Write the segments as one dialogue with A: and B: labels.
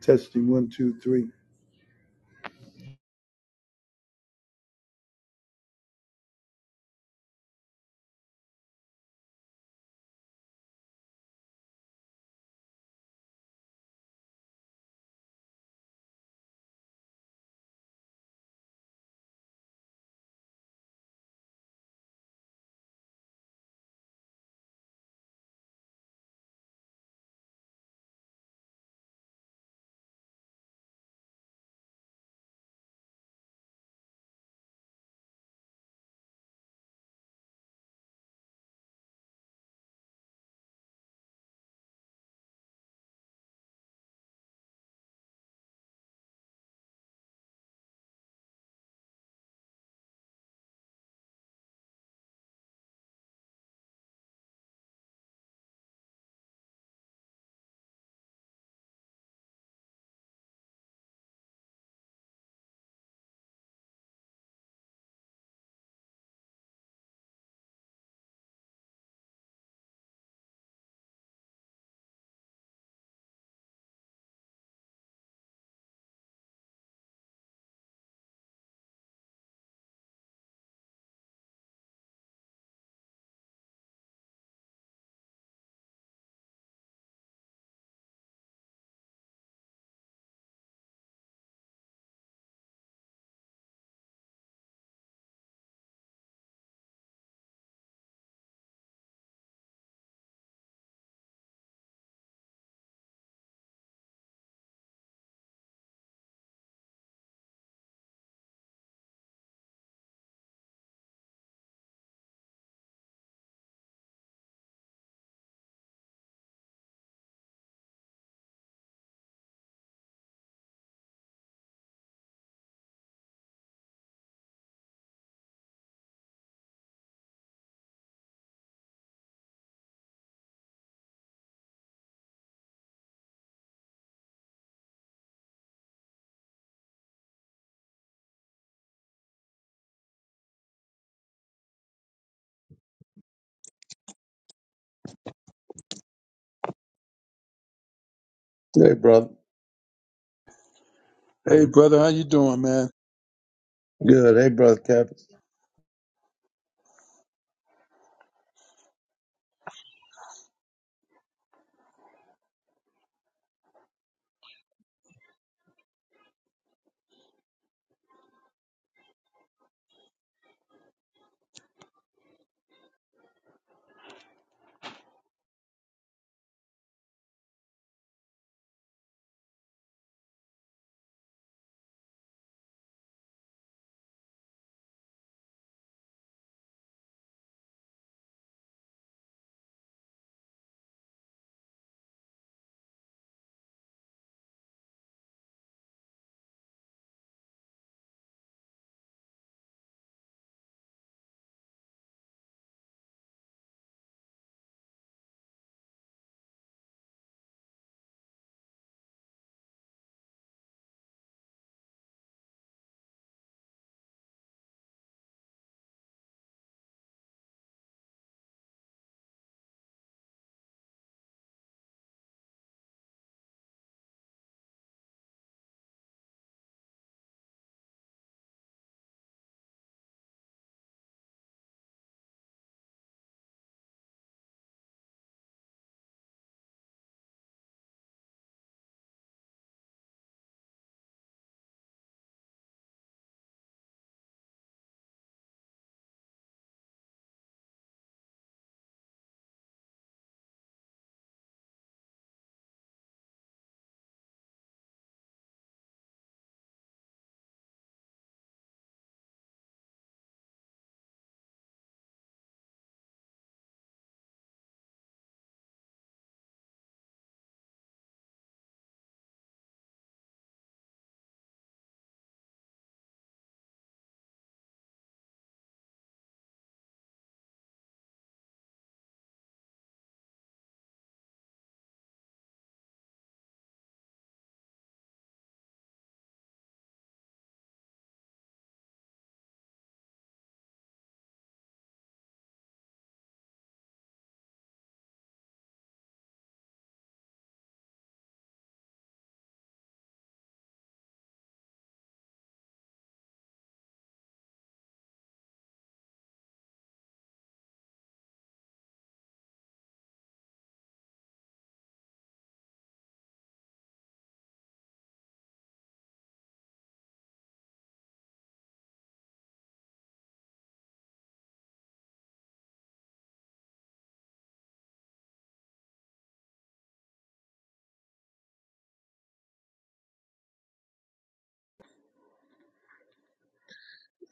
A: Testing one, two, three.
B: Hey, brother.
A: Hey, brother, how you doing, man?
B: Good. Hey, brother Kevin.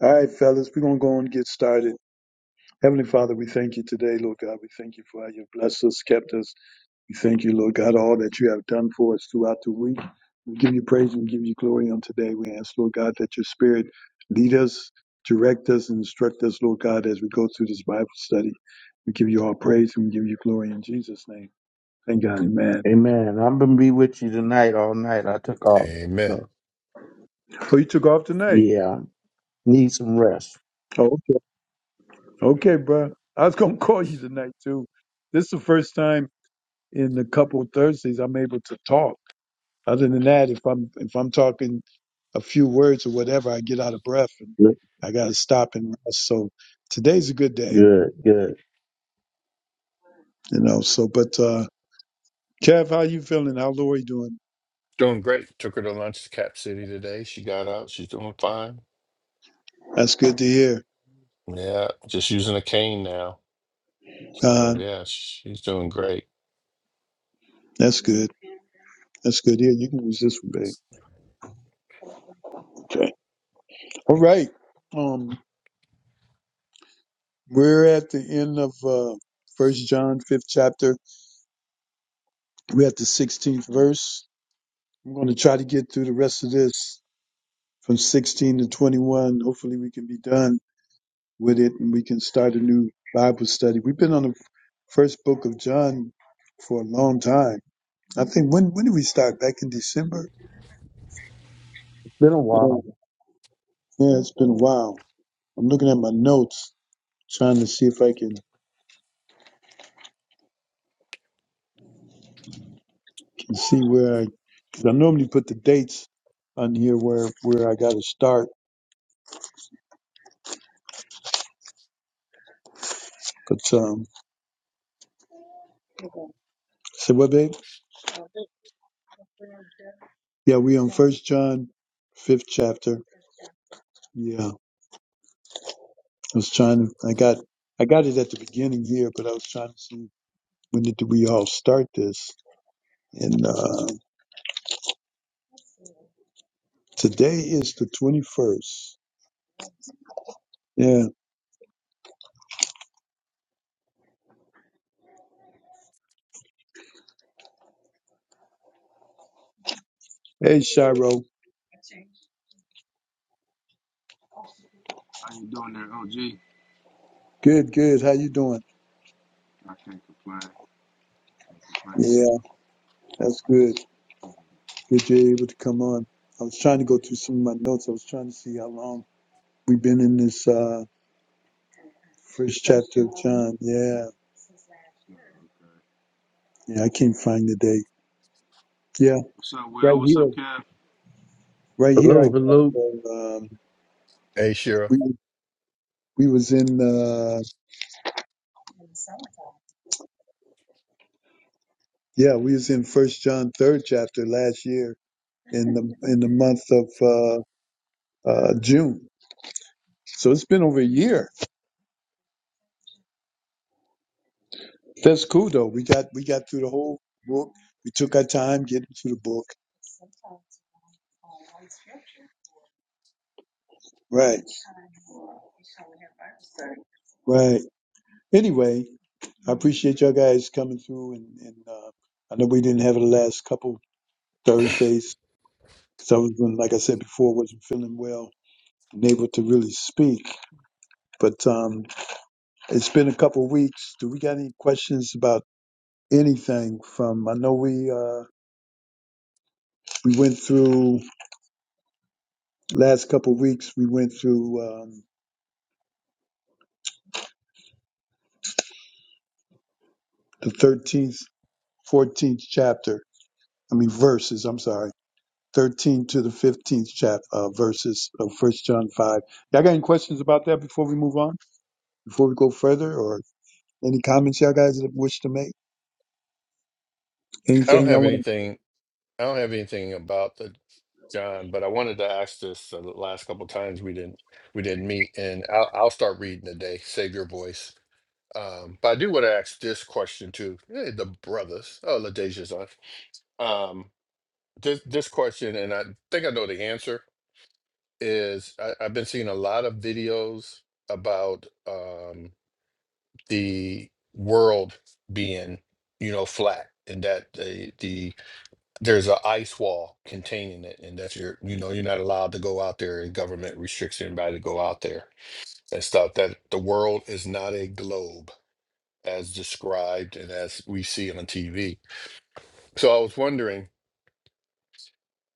A: All right, fellas, we're going to go and get started. Heavenly Father, we thank you today, Lord God. We thank you for how you've blessed us, kept us. We thank you, Lord God, all that you have done for us throughout the week. We give you praise and give you glory on today. We ask, Lord God, that your spirit lead us, direct us, and instruct us, Lord God, as we go through this Bible study. We give you all praise and we give you glory in Jesus' name. Thank God, amen.
B: Amen. I'm gonna be with you tonight all night. I took off,
C: Amen.
B: so
A: Oh, you took off tonight.
B: yeah, need some rest.
A: Oh, Okay, bro. I was gonna call you tonight too. This is the first time in a couple of Thursdays I'm able to talk. Other than that, if I'm if I'm talking a few words or whatever, I get out of breath and
B: Good,
A: I gotta stop and rest. So today's a good day,
B: good. good.
A: you know. So, but uh Kev, how you feeling? How Lori doing?
C: Doing great. Took her to lunch to Cap City today. She got out. She's doing fine.
A: That's good to hear.
C: Yeah, just using a cane now.
A: Uh
C: So yeah, she's doing great.
A: That's good. That's good. Yeah, you can use this one, babe. Okay. All right. Um, we're at the end of uh First John, fifth chapter. We're at the 16th verse. I'm going to try to get through the rest of this from 16 to 21. Hopefully, we can be done with it and we can start a new Bible study. We've been on the first book of John for a long time. I think when when did we start? Back in December?
B: It's been a
A: Yeah,
B: while.
A: yeah it's been a while. I'm looking at my notes, trying to see if I can, can see where I. Cause I normally put the dates on here where where I got to start, but um, say what, babe? Yeah, we on First John, fifth chapter. Yeah, I was trying to. I got. I got it at the beginning here, but I was trying to see when did we all start this. And uh, today is the twenty first. Yeah. Hey, Shiro.
D: How you doing there, OG.
A: Good, good. How you doing?
D: I can't complain. Can't complain at
A: Yeah,
D: all.
A: that's good. Good you're able to come on. I was trying to go through
D: yeah.
A: some of my notes. I was trying to see how long we've been in this uh, first chapter of John. Yeah.
D: Oh, okay.
A: Yeah, I can't find the date. Yeah,
D: What's up,
A: right
D: Will? What's up,
A: here.
D: Kev?
A: Right here, I
B: Hello, hello.
A: got. Uh,
C: Hey, Shira.
A: we we was in uh yeah we was in first john third chapter last year in the in the month of uh uh june so it's been over a year that's cool though we got we got through the whole book we took our time getting through the book right right anyway i appreciate y'all guys coming through and and uh i know we didn't have it the last couple thursdays because i was like i said before wasn't feeling well and able to really speak but um It's been a couple of weeks. Do we got any questions about anything from? I know we uh, we went through last couple of weeks. We went through um, the thirteenth, fourteenth chapter. I mean verses. I'm sorry, thirteen to the fifteenth chap uh, verses of First John five. Y'all got any questions about that before we move on? Before we go further, or any comments y'all guys that wish to make?
C: I don't
A: Anything y'all
C: have
A: want
C: anything. I don't have anything about the John, but I wanted to ask this uh, the last couple times we didn't we didn't meet, and I'll, I'll start reading today. Save your voice. Um, but I do want to ask this question to eh, the brothers. Oh, Ladeja's on. Um, this this question, and I think I know the answer is I, I've been seeing a lot of videos about um, the world being, you know, flat and that the, the there's an ice wall containing it and that you're you know you're not allowed to go out there and government restricts anybody to go out there and stuff that the world is not a globe as described and as we see on TV. So I was wondering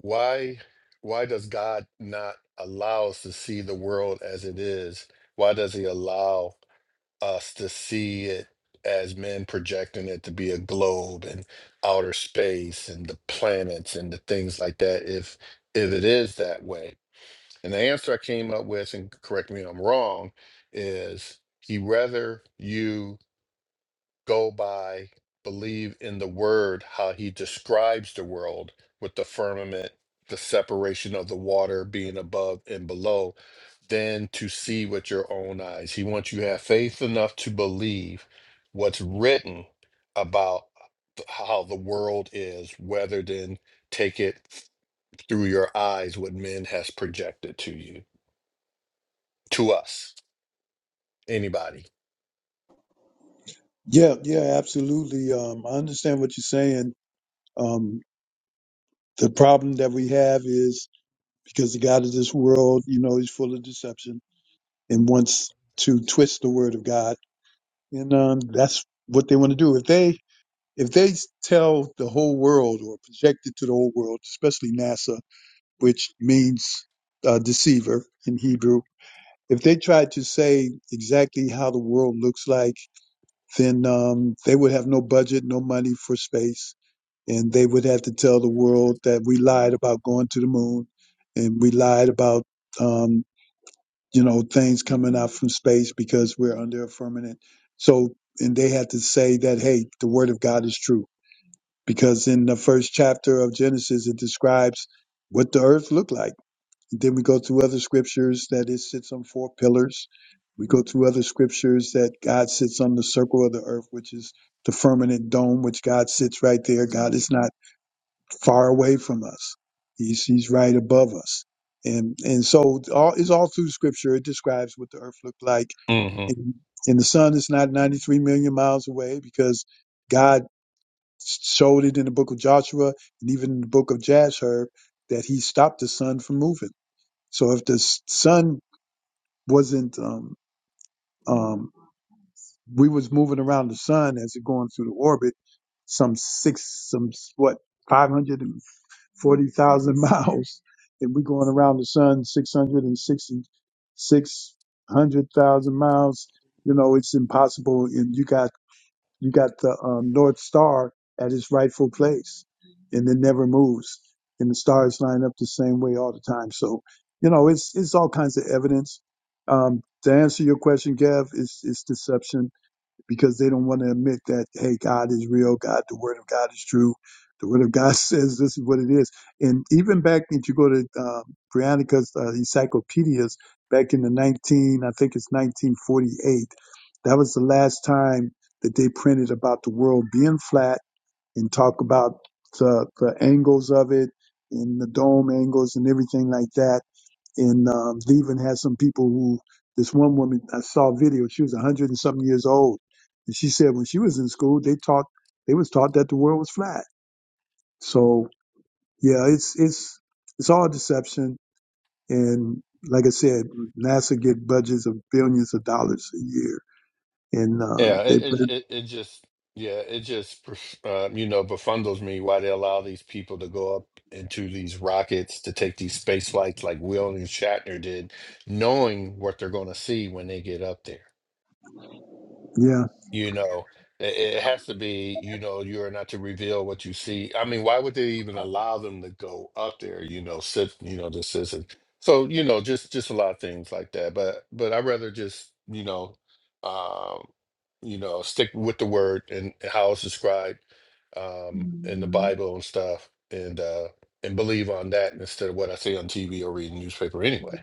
C: why why does god not allow us to see the world as it is why does he allow us to see it as men projecting it to be a globe and outer space and the planets and the things like that if if it is that way and the answer i came up with and correct me if i'm wrong is he rather you go by, believe in the word, how he describes the world with the firmament, the separation of the water being above and below, than to see with your own eyes. He wants you to have faith enough to believe what's written about th- how the world is, rather than take it through your eyes what men has projected to you, to us, anybody.
A: to? Yeah, yeah, absolutely. Um, I understand what you're saying. Um, the problem that we have is because the God of this world, you know, he's full of deception and wants to twist the word of God. And um, that's what they want to do. If they if they tell the whole world or project it to the whole world, especially NASA, which means uh, deceiver in Hebrew, if they tried to say exactly how the world looks like, then um, they would have no budget, no money for space, and they would have to tell the world that we lied about going to the moon, and we lied about Um, you know, things coming out from space because we're under a firmament. So, and they had to say that, hey, the word of God is true. Because in the first chapter of Genesis, it describes what the earth looked like. Then we go through other scriptures that it sits on four pillars. We go through other scriptures that God sits on the circle of the earth, which is the firmament dome, which God sits right there. God is not far away from us. He's he's right above us. And and so all it's all through scripture. It describes what the earth looked like. And and the sun is not 93 million miles away because God showed it in the book of Joshua and even in the book of Jasher that he stopped the sun from moving. So if the s- sun wasn't um um we was moving around the sun as it going through the orbit some six some what 550 40,000 miles. If we're going around the sun 660, miles, you know, it's impossible. And you got, you got the um, North Star at its rightful place and it never moves. And the stars line up the same way all the time. So, you know, it's, it's all kinds of evidence. Um, to answer your question, Gav, it's, it's deception because they don't want to admit that, hey, God is real. God, the word of God is true. The word of God says this is what it is. And even back, if you go to uh, Briannica's uh, encyclopedias back in the 19, I think it's 1948, that was the last time that they printed about the world being flat and talk about the, the angles of it and the dome angles and everything like that and um, they even had some people who this one woman I saw a video. She was a hundred and something years old, and she said when she was in school, they taught they was taught that the world was flat. So yeah, it's it's it's all deception. And like I said, NASA get budgets of billions of dollars a year, and uh,
C: Yeah,
A: they
C: it it it it just yeah, it just perf- um, you know befuddles me why they allow these people to go up into these rockets to take these space flights like Will and Shatner did, knowing what they're going to see when they get up there.
A: yeah
C: You know, it, it has to be, you know, you are not to reveal what you see. I mean, why would they even allow them to go up there, you know, sit, you know, the citizen. So, you know, just just a lot of things like that. But but I'd rather just, you know, um, you know, stick with the word and how it's described um in the Bible and stuff and uh and believe on that instead of what I see on TV or reading newspaper anyway.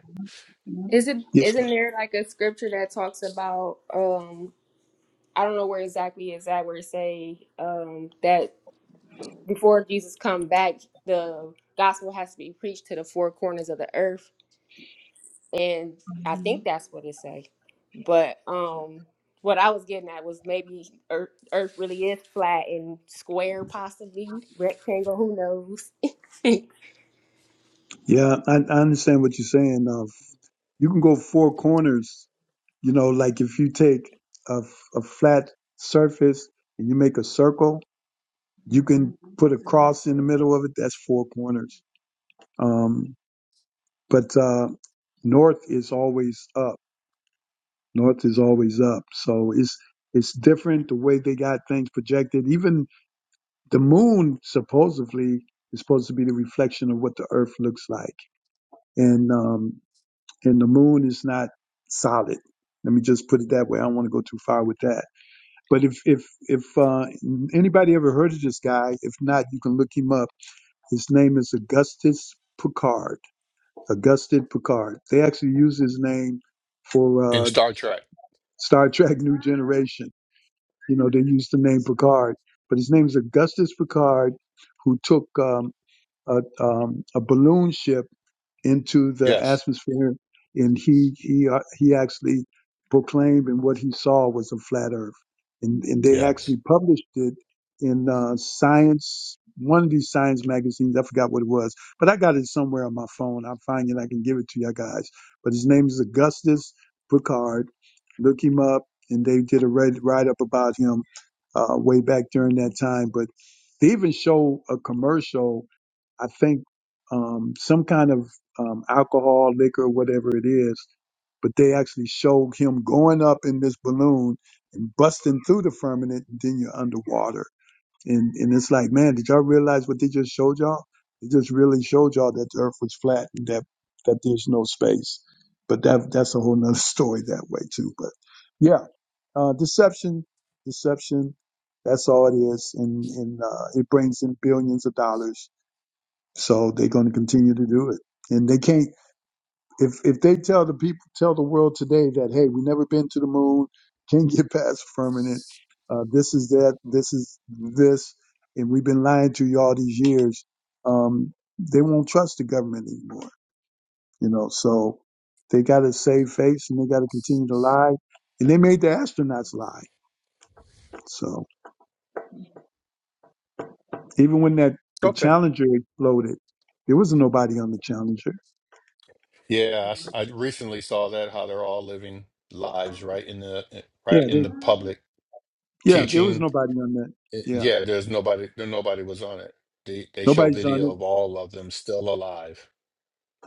E: Is it
A: yeah
C: So,
E: isn't there like a scripture that talks about um I don't know where exactly is that where it say um that before Jesus come back the gospel has to be preached to the four corners of the earth and I think that's what it say. But um what I was getting at was maybe earth, earth really is flat and square possibly rectangle who knows.
A: yeah. I, I understand what you're saying. Of you can go four corners. You know, like if you take a, f- a flat surface and you make a circle, You can put a cross in the middle of it. That's four corners. Um, but uh, north is always up. North is always up. So it's it's different the way they got things projected. Even the moon supposedly is supposed to be the reflection of what the earth looks like, and um, and the moon is not solid. Let me just put it that way. I don't want to go too far with that. But if if if uh, anybody ever heard of this guy, if not, you can look him up His name is Augustus Picard. Augustus Picard. They actually use his name
C: in
A: for uh,
C: Star Trek.
A: Star Trek New Generation. You know, they used the name Picard, but his name is Augustus Picard, who took um, a, um, a balloon ship into the
C: Yes.
A: atmosphere, and he he uh, he actually proclaimed, and what he saw was a flat Earth, and and they actually
C: Yes.
A: published it in uh, Science, one of these science magazines. I forgot what it was, but I got it somewhere on my phone. I'll find it. I can give it to you guys. But his name is Augustus Picard. Look him up, and they did a write write up about him uh, way back during that time. But they even show a commercial I think um, some kind of um, alcohol, liquor, whatever it is. But they actually showed him going up in this balloon and busting through the firmament, and then you're underwater. And and it's like, man, did y'all realize what they just showed y'all? They just really showed y'all that the Earth was flat and that that there's no space. But that that's a whole nother story that way too. But yeah, uh, deception, deception. That's all it is, and and uh, it brings in billions of dollars so they're going to continue to do it. And they can't, if, if they tell the people, tell the world today that, hey, we never been to the moon, can't get past firmament, uh, this is that, this is this, and we've been lying to you all these years, um, they won't trust the government anymore, you know, so they got to save face and they got to continue to lie. And they made the astronauts lie. So even when that, the
C: Okay.
A: Challenger exploded, there wasn't nobody on the Challenger.
C: Yeah, I, s- I recently saw that how they're all living lives right in the eh,
A: Yeah,
C: right in the
A: they
C: public
A: Yeah, there was
C: teaching.
A: nobody on that.
C: Uh,
A: Yeah,
C: Yeah, there's nobody. There nobody was on it. They they show
A: nobody's on
C: video of
A: it.
C: all of them still alive.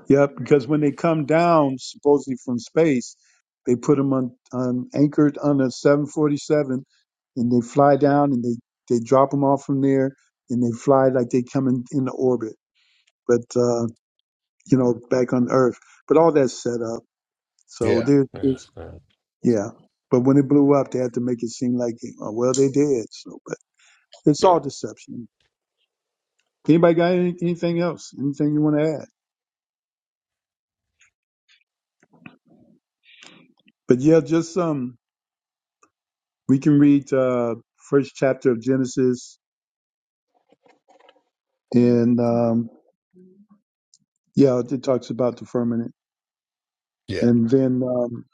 A: Yeah, because when they come down supposedly from space, they put them on, on anchored on a 747, and they fly down and they they drop them off from there, and they fly like they come in into orbit. But uh, you know, back on Earth. But all that's set up. So
C: Yeah,
A: there-
C: yeah,
A: there's
C: yeah,
A: yeah. But when it blew up, they had to make it seem like uh, well they did. So, but it's all
C: yeah.
A: deception. Anybody got any, anything else? Anything you want to add? But yeah, just um, we can read uh, first chapter of Genesis, and um, yeah, it talks about the firmament,
C: yeah.
A: and then um,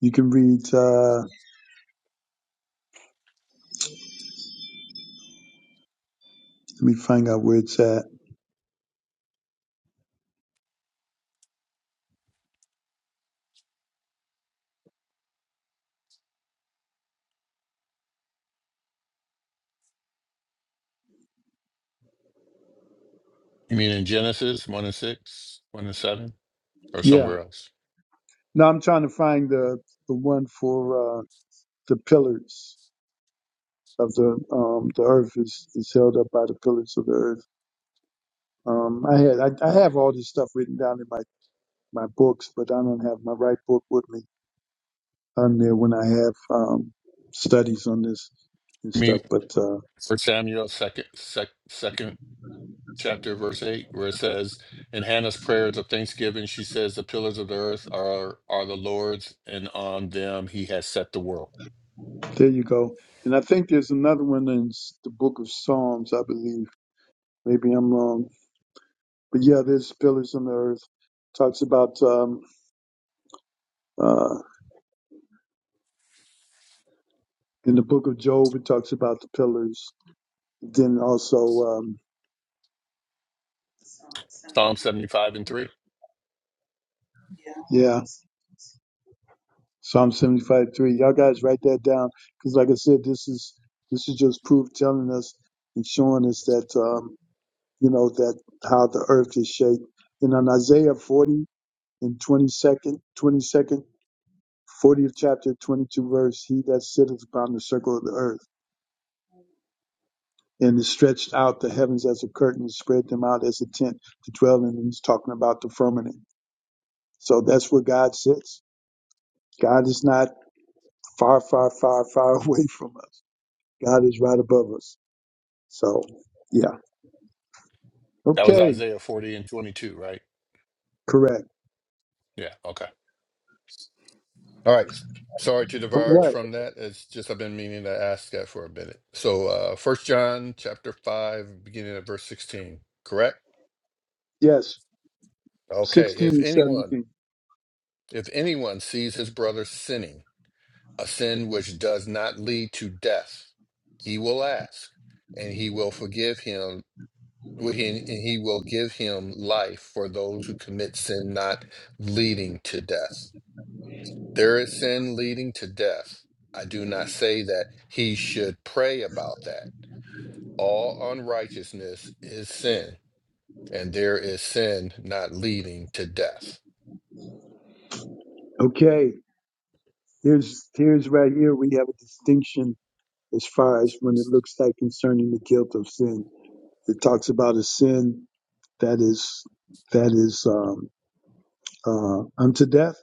A: you can read. Uh, let me find out where it's at.
C: You mean in Genesis one and six, one and seven, or
A: Yeah,
C: somewhere else?
A: now I'm trying to find the the one for uh, the pillars of the um, the earth is, is held up by the pillars of the earth. Um, I had I, I have all this stuff written down in my my books, but I don't have my right book with me. on there when I have um, studies on this and
C: I mean,
A: stuff. But uh,
C: for Samuel second, sec, second chapter, verse 8, where it says, In Hannah's prayers of thanksgiving, she says, The pillars of the earth are, are the Lord's, and on them he has set the world.
A: there you go. And I think there's another one in s- the book of Psalms, I believe. Maybe I'm wrong. But yeah, there's pillars on the earth. Talks about um, uh, in the book of Job, it talks about the pillars. Then also, um,
C: Psalm 75 and 3.
A: yeah, Psalm 75 3. Y'all guys write that down because, like I said, this is this is just proof telling us and showing us that. Um, you know, that how the earth is shaped. And on Isaiah 40 and 22nd, 22nd, 40th chapter, 22 verse, he that sitteth upon the circle of the earth and is stretched out the heavens as a curtain and spread them out as a tent to dwell in. And he's talking about the firmament. So that's where God sits. God is not far, far, far, far away from us. God is right above us. So yeah.
C: That was
A: Okay.
C: Isaiah 40 and 22, right?
A: Correct.
C: Yeah, okay. All right. Sorry to
A: All
C: diverge
A: right.
C: from that. It's just I've been meaning to ask that for a minute. So, uh, First John chapter 5, beginning at verse 16, correct?
A: Yes.
C: Okay.
A: 16
C: If
A: and
C: anyone,
A: 17.
C: if anyone sees his brother sinning, a sin which does not lead to death. He will ask, and he will forgive him, and he will give him life for those who commit sin not leading to death. There is sin leading to death. I do not say that he should pray about that. All unrighteousness is sin, and there is sin not leading to death.
A: Okay. Here's here's right here we have a distinction as far as when it looks like concerning the guilt of sin. It talks about a sin that is that is um, uh, unto death,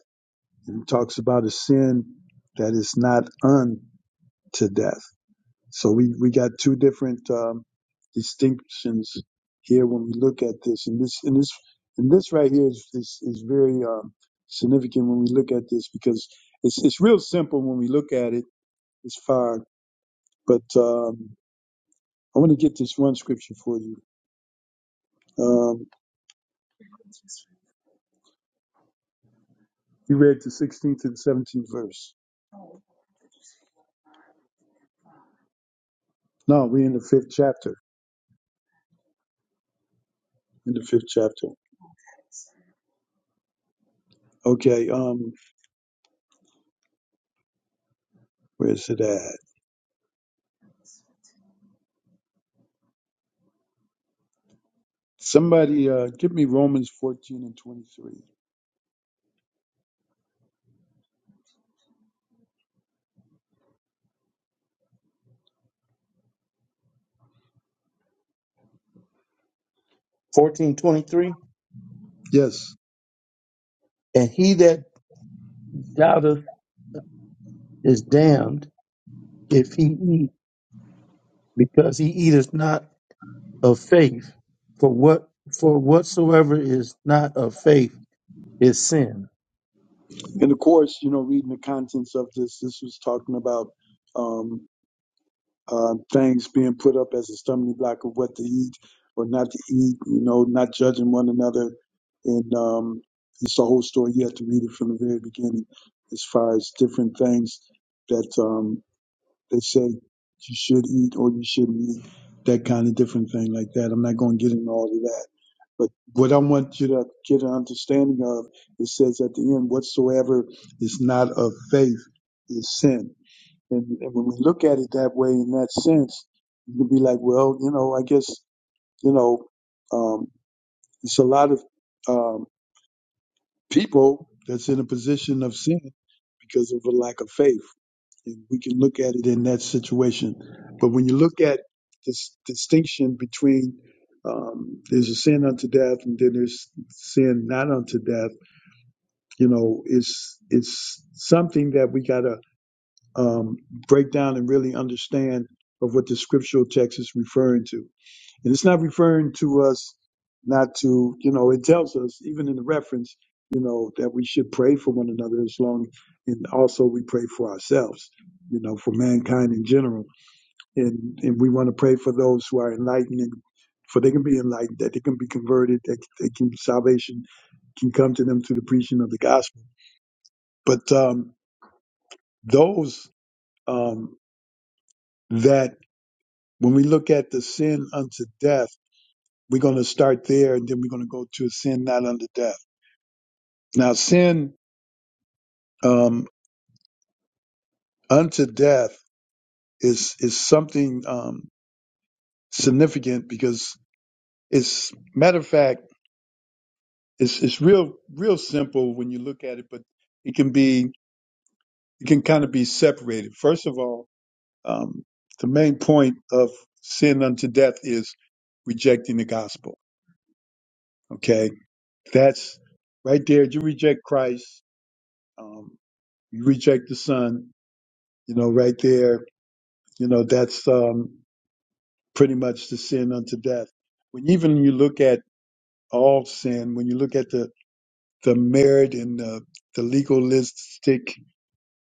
A: and it talks about a sin that is not unto death. So we we got two different um, distinctions here when we look at this, and this and this and this right here is is, is very um, significant when we look at this because it's it's real simple when we look at it as far But um, I want to get this one scripture for you. Um, you read the 16th and 17th verse. No, we're in the fifth chapter. In the fifth chapter. Okay. Um, where's it at? Somebody uh, give me Romans 14 and 23.
B: Fourteen twenty-three.
A: Yes.
B: And he that doubteth is damned if he eat, because he eateth not of faith. For what for whatsoever is not of faith is sin.
A: And of course, you know, reading the contents of this, this was talking about. um, uh, things being put up as a stumbling block of what to eat or not to eat, you know, not judging one another. And um, it's a whole story. You have to read it from the very beginning as far as different things that um, they say you should eat or you shouldn't eat, that kind of different thing like that. I'm not going to get into all of that. But what I want you to get an understanding of, it says at the end, whatsoever is not of faith is sin and, and when we look at it that way, in that sense, you can be like, well, you know, I guess, you know, um, it's a lot of um, people that's in a position of sin because of a lack of faith. And we can look at it in that situation. But when you look at this distinction between um, there's a sin unto death and then there's sin not unto death, you know, it's it's something that we gotta um, break down and really understand of what the scriptural text is referring to. And it's not referring to us not to, you know, it tells us, even in the reference, you know, that we should pray for one another as long, and also we pray for ourselves, you know, for mankind in general. And, and we want to pray for those who are enlightened and for they can be enlightened, that they can be converted, that they can, salvation can come to them through the preaching of the gospel. But um, those um, that When we look at the sin unto death, we're going to start there and then we're going to go to sin not unto death. Now, sin um, unto death is, is something um, significant because it's, matter of fact, it's, it's real, real simple when you look at it, but it can be, it can kind of be separated. First of all, um, the main point of sin unto death is rejecting the gospel. Okay, that's right there. You reject Christ. Um, You reject the Son, you know, right there, you know, that's um, pretty much the sin unto death. When even you look at all sin, when you look at the, the merit and the, the legalistic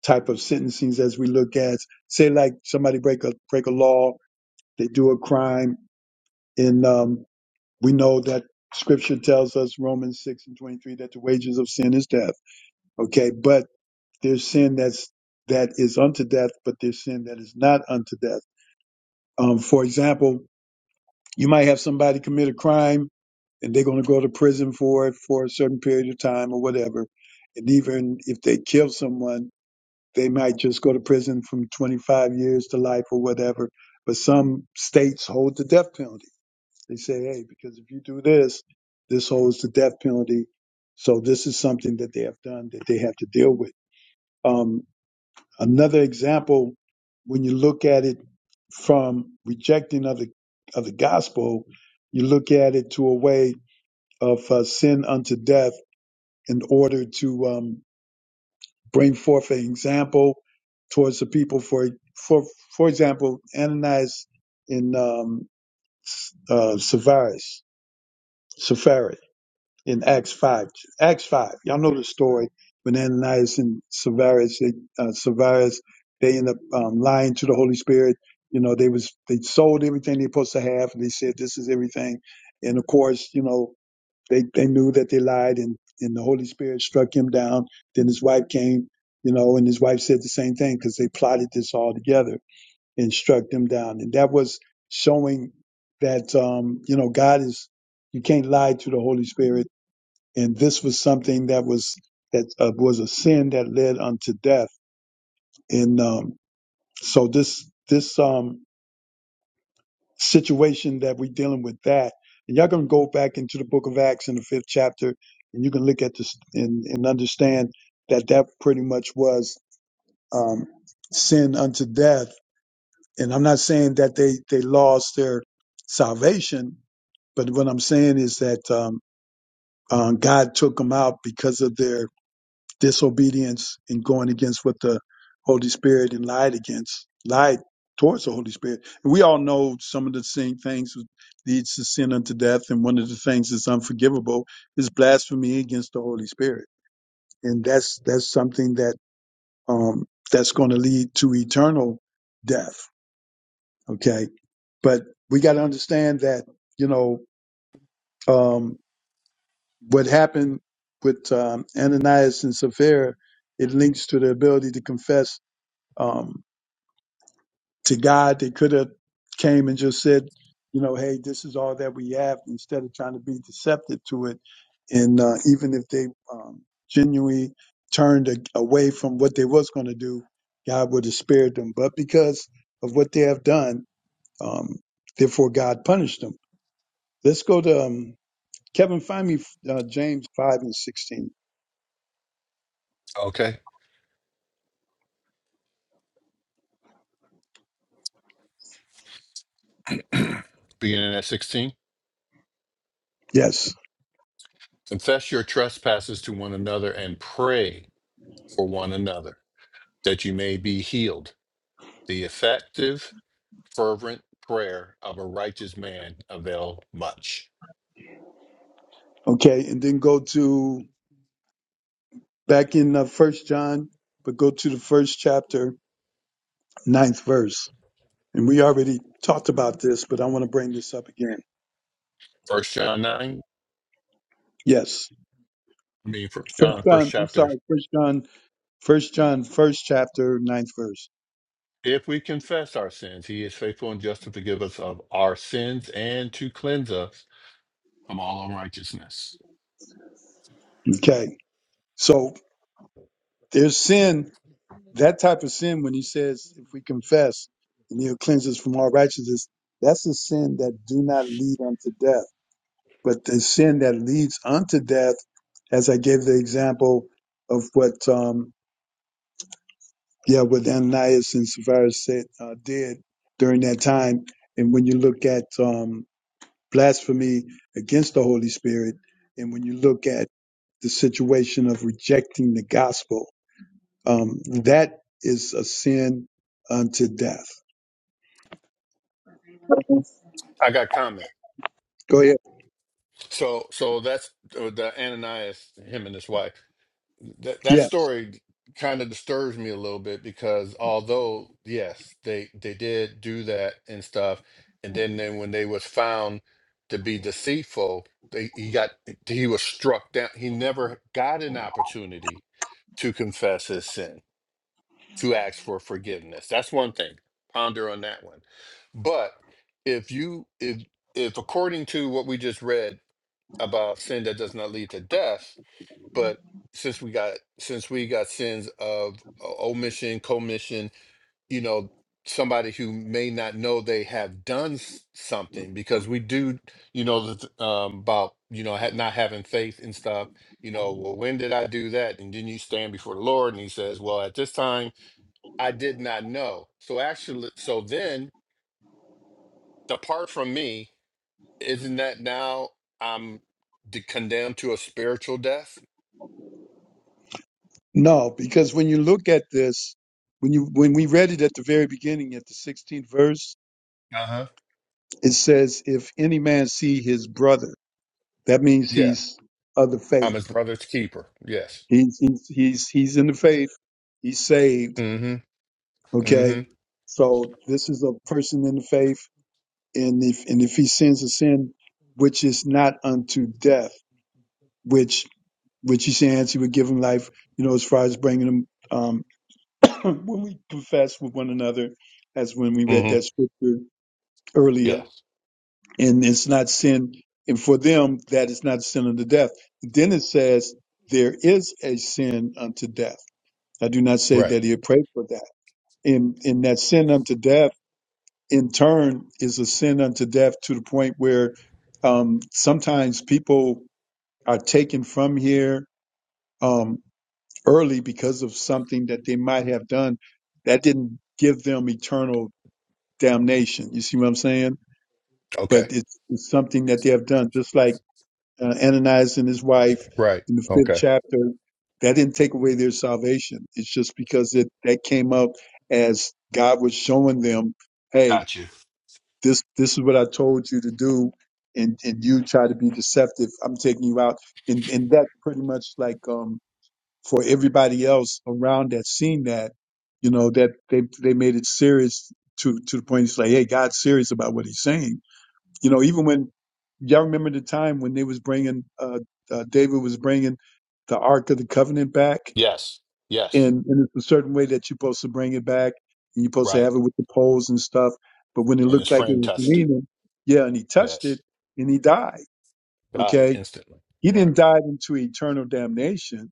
A: type of sentencings as we look at, say like somebody break a break a law, they do a crime, and um, we know that scripture tells us Romans six and twenty three that the wages of sin is death. Okay, but there's sin that's that is unto death, but there's sin that is not unto death. Um, for example, you might have somebody commit a crime and they're going to go to prison for it for a certain period of time or whatever. And even if they kill someone, they might just go to prison from 25 years to life or whatever. But some states hold the death penalty. They say, hey, because if you do this, this holds the death penalty. So this is something that they have done that they have to deal with. Um, Another example, when you look at it from rejecting of the of the gospel, you look at it to a way of uh, sin unto death in order to um, bring forth an example towards the people. For for for example, Ananias and um, uh, Sapphira, in Acts 5. Acts 5. Y'all know the story when Ananias and Sapphira, they, uh, Sapphira, they end up um, lying to the Holy Spirit. You know, they was they sold everything they supposed to have, and they said this is everything. And of course, you know, they they knew that they lied, and and the Holy Spirit struck him down. Then his wife came, you know, and his wife said the same thing because they plotted this all together and struck them down. And that was showing that um, you know God is you can't lie to the Holy Spirit and this was something that was that uh, was a sin that led unto death and um so this this um situation that we're dealing with that and y'all can go back into the book of acts in the fifth chapter and you can look at this and, and understand that that pretty much was um sin unto death and i'm not saying that they they lost their salvation but what i'm saying is that um, um god took them out because of their disobedience and going against what the Holy Spirit and lied against, lied towards the Holy Spirit. And we all know some of the same things leads to sin unto death, and one of the things that's unforgivable is blasphemy against the Holy Spirit, and that's that's something that um, that's going to lead to eternal death. Okay, but we got to understand that you know um, what happened with um, Ananias and Sapphira. It links to the ability to confess um, to God. They could have came and just said, you know, hey, this is all that we have, instead of trying to be deceptive to it. And uh, even if they um, genuinely turned a- away from what they was going to do, God would have spared them. But because of what they have done, um, therefore God punished them. Let's go to um, Kevin. Find me uh, James five and sixteen.
C: Okay, beginning at 16.
A: Yes.
C: Confess your trespasses to one another and pray for one another that you may be healed. The effective, fervent prayer of a righteous man avail much.
A: Okay, and then go to back in uh, First John, but go to the first chapter ninth verse. And we already talked about this, but I want to bring this up again.
C: First John nine,
A: Yes.
C: I mean First
A: First
C: John, first
A: John, I'm
C: chapter.
A: sorry, first John, first John, first chapter, ninth verse.
C: If we confess our sins, he is faithful and just to forgive us of our sins and to cleanse us from all unrighteousness.
A: Okay. So there's sin, that type of sin when he says, if we confess and he'll cleanse us from all righteousness, that's a sin that do not lead unto death. But the sin that leads unto death, as I gave the example of what um, Yeah, what Ananias and Sapphira said uh, did during that time, and when you look at um, blasphemy against the Holy Spirit, and when you look at the situation of rejecting the gospel, um, that is a sin unto death.
C: I got comment.
A: Go ahead.
C: So, so that's uh, the Ananias, him and his wife. that that
A: Yes.
C: story kind of disturbs me a little bit because although yes they they did do that and stuff and then then when they was found to be deceitful they he got he was struck down he never got an opportunity to confess his sin to ask for forgiveness that's one thing ponder on that one but if you if if according to what we just read about sin that does not lead to death but since we got since we got sins of o- omission commission you know somebody who may not know they have done s- something because we do you know the, th- um, about you know ha- not having faith and stuff you know well when did i do that and then you stand before the lord and he says well at this time i did not know so actually so then depart from me isn't that now i'm de- condemned to a spiritual death
A: No, because when you look at this, when you when we read it at the very beginning, at the 16th verse,
C: Uh huh.
A: it says, "If any man see his brother," that means
C: yeah
A: he's of the faith
C: I'm his brother's keeper. Yes.
A: He's he's he's he's in the faith. He's saved.
C: Mm-hmm.
A: Okay.
C: Mm-hmm.
A: So this is a person in the faith, and if and if he sins a sin which is not unto death, which which he sins, he would give him life. You know, as far as bringing him um, when we confess with one another, as when we read that
C: Mm-hmm.
A: scripture earlier,
C: Yes.
A: and it's not sin. And for them, that is not sin unto death. Then it says, there is a sin unto death. I do not say
C: Right.
A: that he prayed for that and and that sin unto death in turn is a sin unto death to the point where um, sometimes people are taken from here um, early because of something that they might have done that didn't give them eternal damnation. You see what I'm saying?
C: Okay.
A: But it's, it's something that they have done, just like uh, Ananias and his wife
C: Right.
A: in the fifth
C: Okay.
A: chapter. That didn't take away their salvation. It's just because it that came up as God was showing them, hey.
C: Got you.
A: this this is what I told you to do, and and you try to be deceptive. I'm taking you out, and and that pretty much like um for everybody else around that seen that, you know that they they made it serious to to the point it's like, hey, God's serious about what He's saying. You know, even when y'all remember the time when they was bringing uh, uh David was bringing the Ark of the Covenant back,
C: Yes. Yes.
A: and, and it's a certain way that you're supposed to bring it back and you're supposed to
C: Right.
A: have it with the poles and stuff. But when it
C: And his
A: looked like it
C: friend
A: was
C: touched it.
A: leaning, yeah, and he touched it
C: Yes.
A: and he died.
C: Died
A: Okay.
C: instantly.
A: He
C: Right.
A: didn't die into eternal damnation,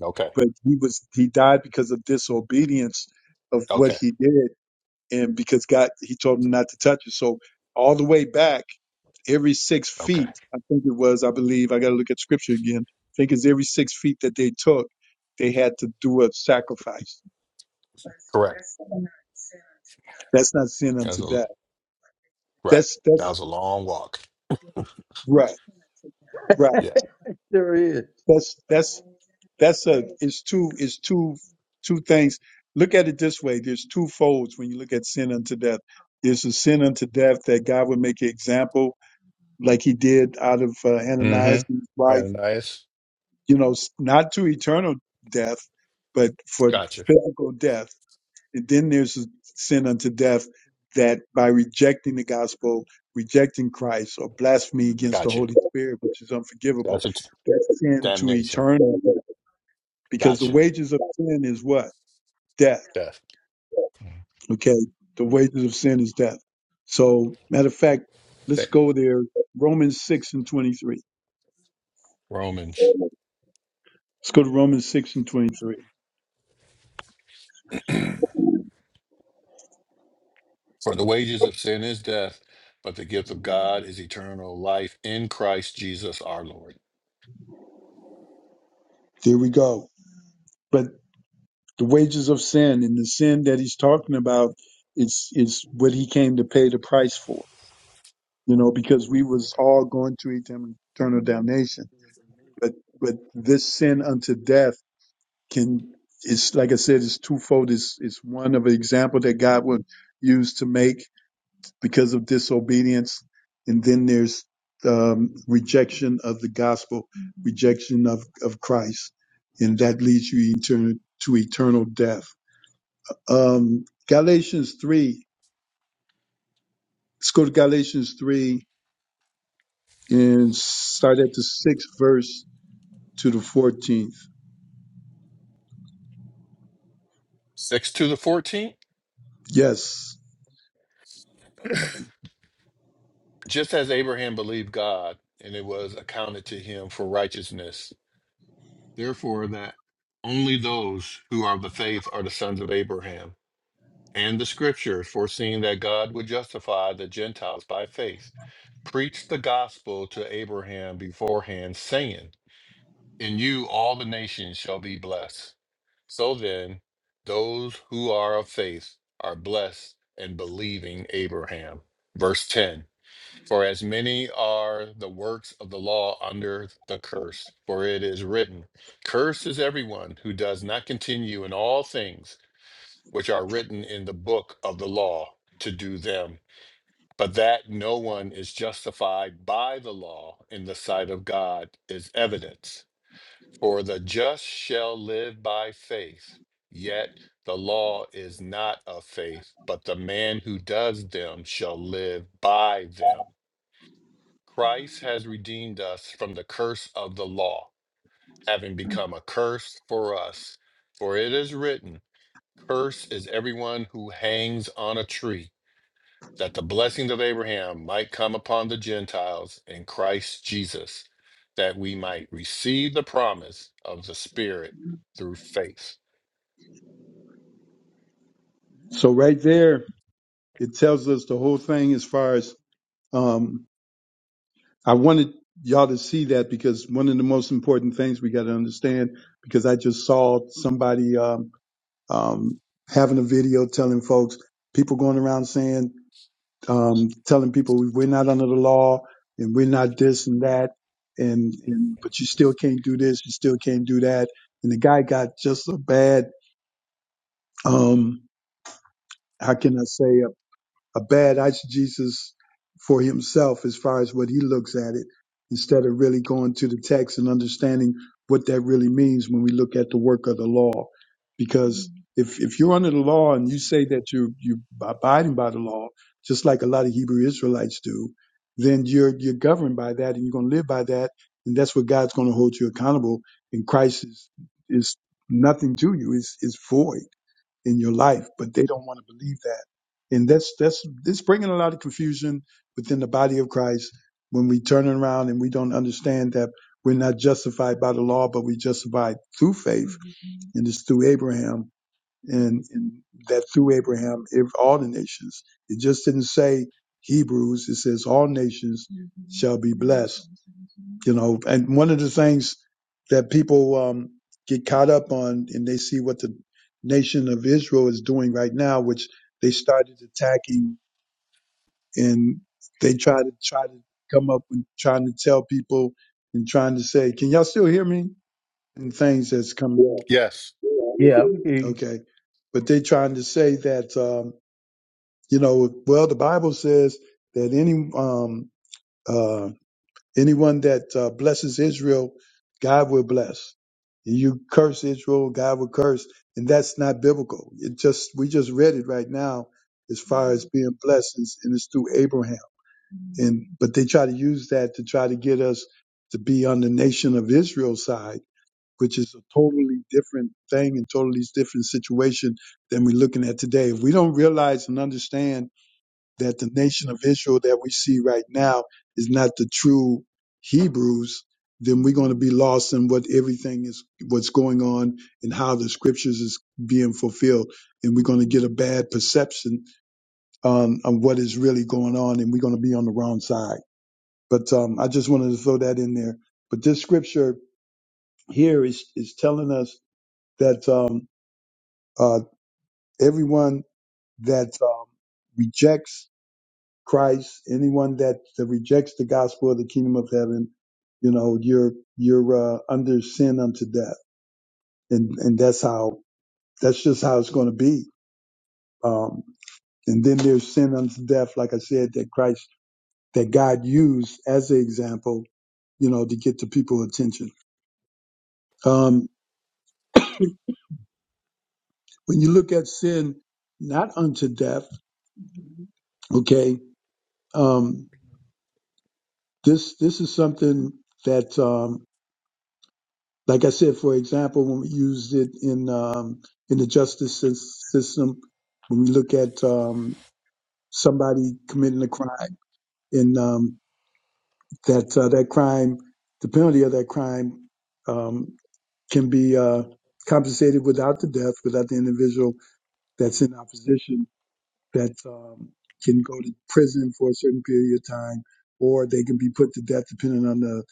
C: Okay.
A: but he was, he died because of disobedience of what
C: Okay.
A: he did and because God, he told him not to touch it. So all the way back, every six
C: Okay.
A: feet, I think it was, I believe, I got to look at scripture again. I think it's every six feet that they took, they had to do a sacrifice
C: Correct.
A: That's not sin
C: That was
A: unto death.
C: a right.
A: That's
C: That
A: that's
C: was a long walk.
A: right, right.
C: Yeah.
B: There is.
A: That's that's that's a it's two it's two two things. Look at it this way. There's two folds when you look at sin unto death. There's a sin unto death that God would make an example, like He did out of uh, Ananias and his
C: Mm-hmm.
A: wife.
C: Ananias.
A: You know, s- not to eternal death, but for
C: Gotcha.
A: physical death. And then there's sin unto death that by rejecting the gospel, rejecting Christ, or blasphemy against the
C: Gotcha.
A: Holy Spirit, which is unforgivable,
C: That's a
A: that's sin to
C: damnation.
A: eternal. Because the
C: Gotcha.
A: wages of sin is what? Death.
C: Death.
A: Okay. The wages of sin is death. So, matter of fact, let's
C: Th-
A: go there. Romans 6 and 23.
C: Romans.
A: Let's go to Romans 6 and 23.
C: For the wages of sin is death, but the gift of God is eternal life in Christ Jesus our Lord.
A: There we go. But the wages of sin and the sin that he's talking about is, is what he came to pay the price for you know, because we was all going to eternal damnation. But but this sin unto death can it's like I said, it's twofold. It's it's one of an example that God would use to make because of disobedience, and then there's um, rejection of the gospel, rejection of of Christ, and that leads you eternal to eternal death. Um, Galatians three. Let's go to Galatians three and start at the sixth verse to the 14th.
C: 6 to the fourteenth.
A: Yes.
C: Just as Abraham believed God, and it was accounted to him for righteousness. Therefore, that only those who are of the faith are the sons of Abraham. And the scripture, foreseeing that God would justify the Gentiles by faith, preached the gospel to Abraham beforehand, saying, In you all the nations shall be blessed. So then, those who are of faith are blessed and believing Abraham. Verse 10 For as many are the works of the law under the curse, for it is written, Cursed is everyone who does not continue in all things which are written in the book of the law to do them. But that no one is justified by the law in the sight of God is evident. For the just shall live by faith. Yet the law is not of faith, but the man who does them shall live by them. Christ has redeemed us from the curse of the law, having become a curse for us. For it is written, "Cursed is everyone who hangs on a tree that the blessings of Abraham might come upon the Gentiles in Christ Jesus, that we might receive the promise of the Spirit through faith.
A: So right there, it tells us the whole thing as far as um, I wanted y'all to see that because one of the most important things we got to understand because I just saw somebody um, um, having a video telling folks people going around saying um, telling people we're not under the law and we're not this and that and, and but you still can't do this you still can't do that and the guy got just a bad um, how can I say a a bad eisegesis for himself as far as what he looks at it, instead of really going to the text and understanding what that really means when we look at the work of the law. Because if, if you're under the law and you say that you you are abiding by the law, just like a lot of Hebrew Israelites do, then you're you're governed by that and you're going to live by that, and that's what God's going to hold you accountable. And Christ is is nothing to you; is is void in your life, but they don't want to believe that. And that's that's it's bringing a lot of confusion within the body of Christ when we turn around and we don't understand that we're not justified by the law, but we justified through faith, and it's through Abraham, and, and that through Abraham, if all the nations. It just didn't say Hebrews; it says all nations shall be blessed you know and one of the things that people um, get caught up on and they see what the nation of israel is doing right now which they started attacking and they try to try to come up and trying to tell people and trying to say can y'all still hear me and things that's coming up
C: Yes.
B: Yeah, I'm here.
A: okay but they trying to say that um, you know well the bible says that any um, uh, Anyone that uh, blesses Israel, God will bless. You curse Israel, God will curse, and that's not biblical. It just we just read it right now, as far as being blessings, and it's through Abraham. And but they try to use that to try to get us to be on the nation of Israel side, which is a totally different thing and totally different situation than we're looking at today. If we don't realize and understand that the nation of Israel that we see right now is not the true Hebrews, then we're going to be lost in what everything is, what's going on and how the scriptures is being fulfilled. And we're going to get a bad perception um, of what is really going on and we're going to be on the wrong side. But um, I just wanted to throw that in there. But this scripture here is, is telling us that um, uh, everyone that um, rejects Christ, anyone that, that rejects the gospel of the kingdom of heaven, you know, you're you're uh, under sin unto death, and and that's how that's just how it's going to be. Um, and then there's sin unto death, like I said, that Christ that God used as an example, you know, to get the people attention. Um, when you look at sin, not unto death, okay, um, this this is something that um, Like I said, for example, when we used it in um, in the justice sys- system, when we look at um, somebody committing a crime, and um, that uh, that crime, the penalty of that crime um, can be uh, compensated without the death, without the individual that's in opposition that um, can go to prison for a certain period of time, or they can be put to death depending on the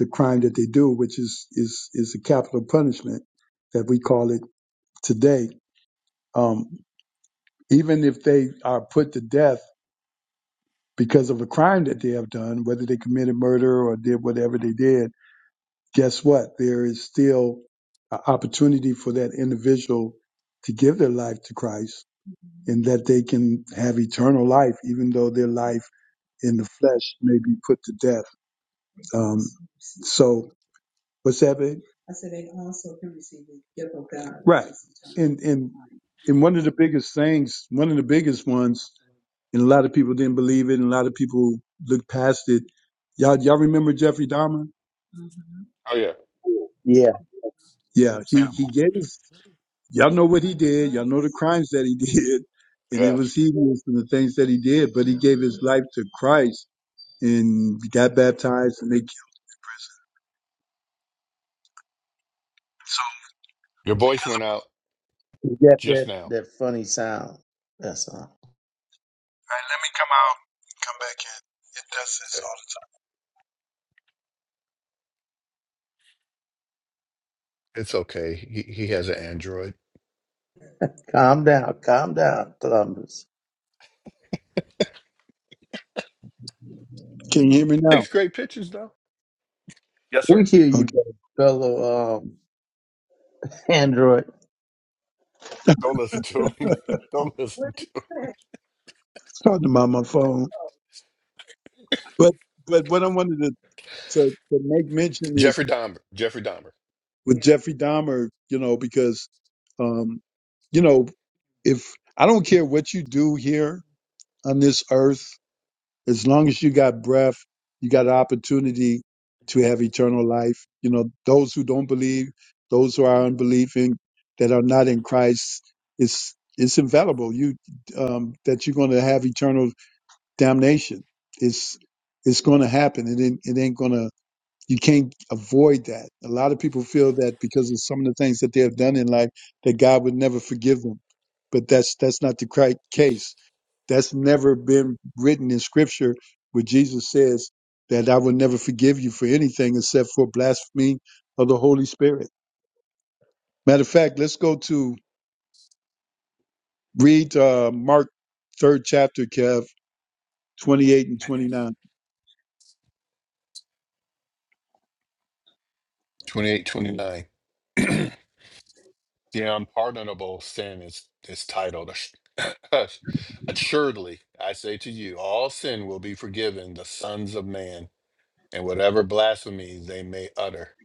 A: the crime that they do, which is is is a capital punishment that we call it today, um, even if they are put to death because of a crime that they have done, whether they committed murder or did whatever they did, guess what? There is still an opportunity for that individual to give their life to Christ and that they can have eternal life, even though their life in the flesh may be put to death. Um, so, what's that, babe? Right. And, and, and one of the biggest things, one of the biggest ones and a lot of people didn't believe it, and a lot of people looked past it. Y'all, y'all remember Jeffrey Dahmer?
C: Oh, yeah.
B: Yeah.
A: Yeah, he he
C: Hannibal.
A: gave us. Y'all know what he did. Y'all know the crimes that he did, and it
C: Yes.
A: was heinous and the things that he did. But he gave his life to Christ and got baptized, and they. So,
C: Your voice went out
B: You got
C: just
B: that,
C: now.
B: that funny sound. That's all.
A: all right, let me come out, come back in. It does this
C: Okay.
A: all the
C: It's okay. He, he has an Android.
B: Calm down. Calm down, Columbus.
A: time. Can you hear me now?
C: Takes great pictures, though. Yes,
B: We
C: sir.
B: hear you,
A: Okay, I
B: fellow um, Android.
C: Don't listen to him. Don't listen to him.
A: was talking about my phone, but but what I wanted to to, to make mention is
C: Jeffrey Dahmer. Jeffrey Dahmer.
A: with Jeffrey Dahmer, you know, because, um, you know, if I don't care what you do here on this earth, as long as you got breath, you got an opportunity to have eternal life. You know, those who don't believe, those who are unbelieving, that are not in Christ, it's it's infallible. You um, that you're going to have eternal damnation. It's it's going to happen. It ain't, it ain't going to you can't avoid that. A lot of people feel that because of some of the things that they have done in life, that God would never forgive them. But that's that's not the cri- case. That's never been written in Scripture, where Jesus says that I will never forgive you for anything except for blasphemy of the Holy Spirit. Matter of fact, let's go to read uh, Mark third chapter, Kev twenty eight and twenty
C: Yes.
A: nine.
C: 28, 29. The unpardonable sin is, is titled, "Ass- Assuredly, I say to you, all sin will be forgiven the sons of man, and whatever blasphemies they may utter.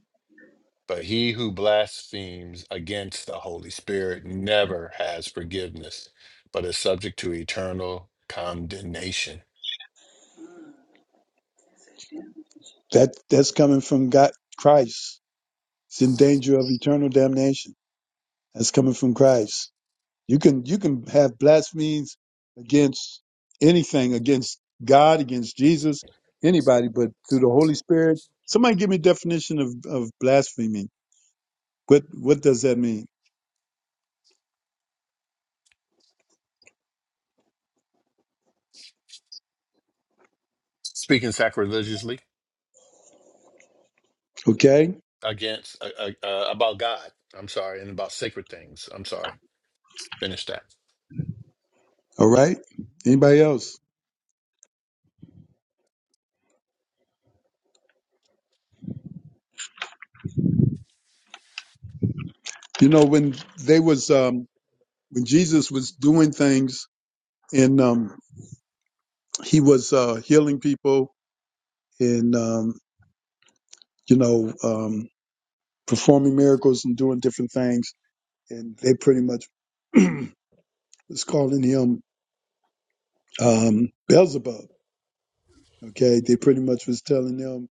C: But he who blasphemes against the Holy Spirit never has forgiveness, but is subject to eternal condemnation.
A: That that's coming from God, Christ. It's in danger of eternal damnation. That's coming from Christ. You can you can have blasphemies against anything, against God, against Jesus, anybody, but through the Holy Spirit. Somebody give me a definition of, of blasphemy. What what does that mean?
C: Speaking sacrilegiously
A: Okay?
C: against, uh, uh, uh, about God, I'm sorry, and about sacred things, I'm sorry. Finish that.
A: All right? Anybody else? You know, when they was um when Jesus was doing things and um he was uh healing people and um you know um performing miracles and doing different things and they pretty much was calling him um, Beelzebub. Okay, they pretty much was telling them,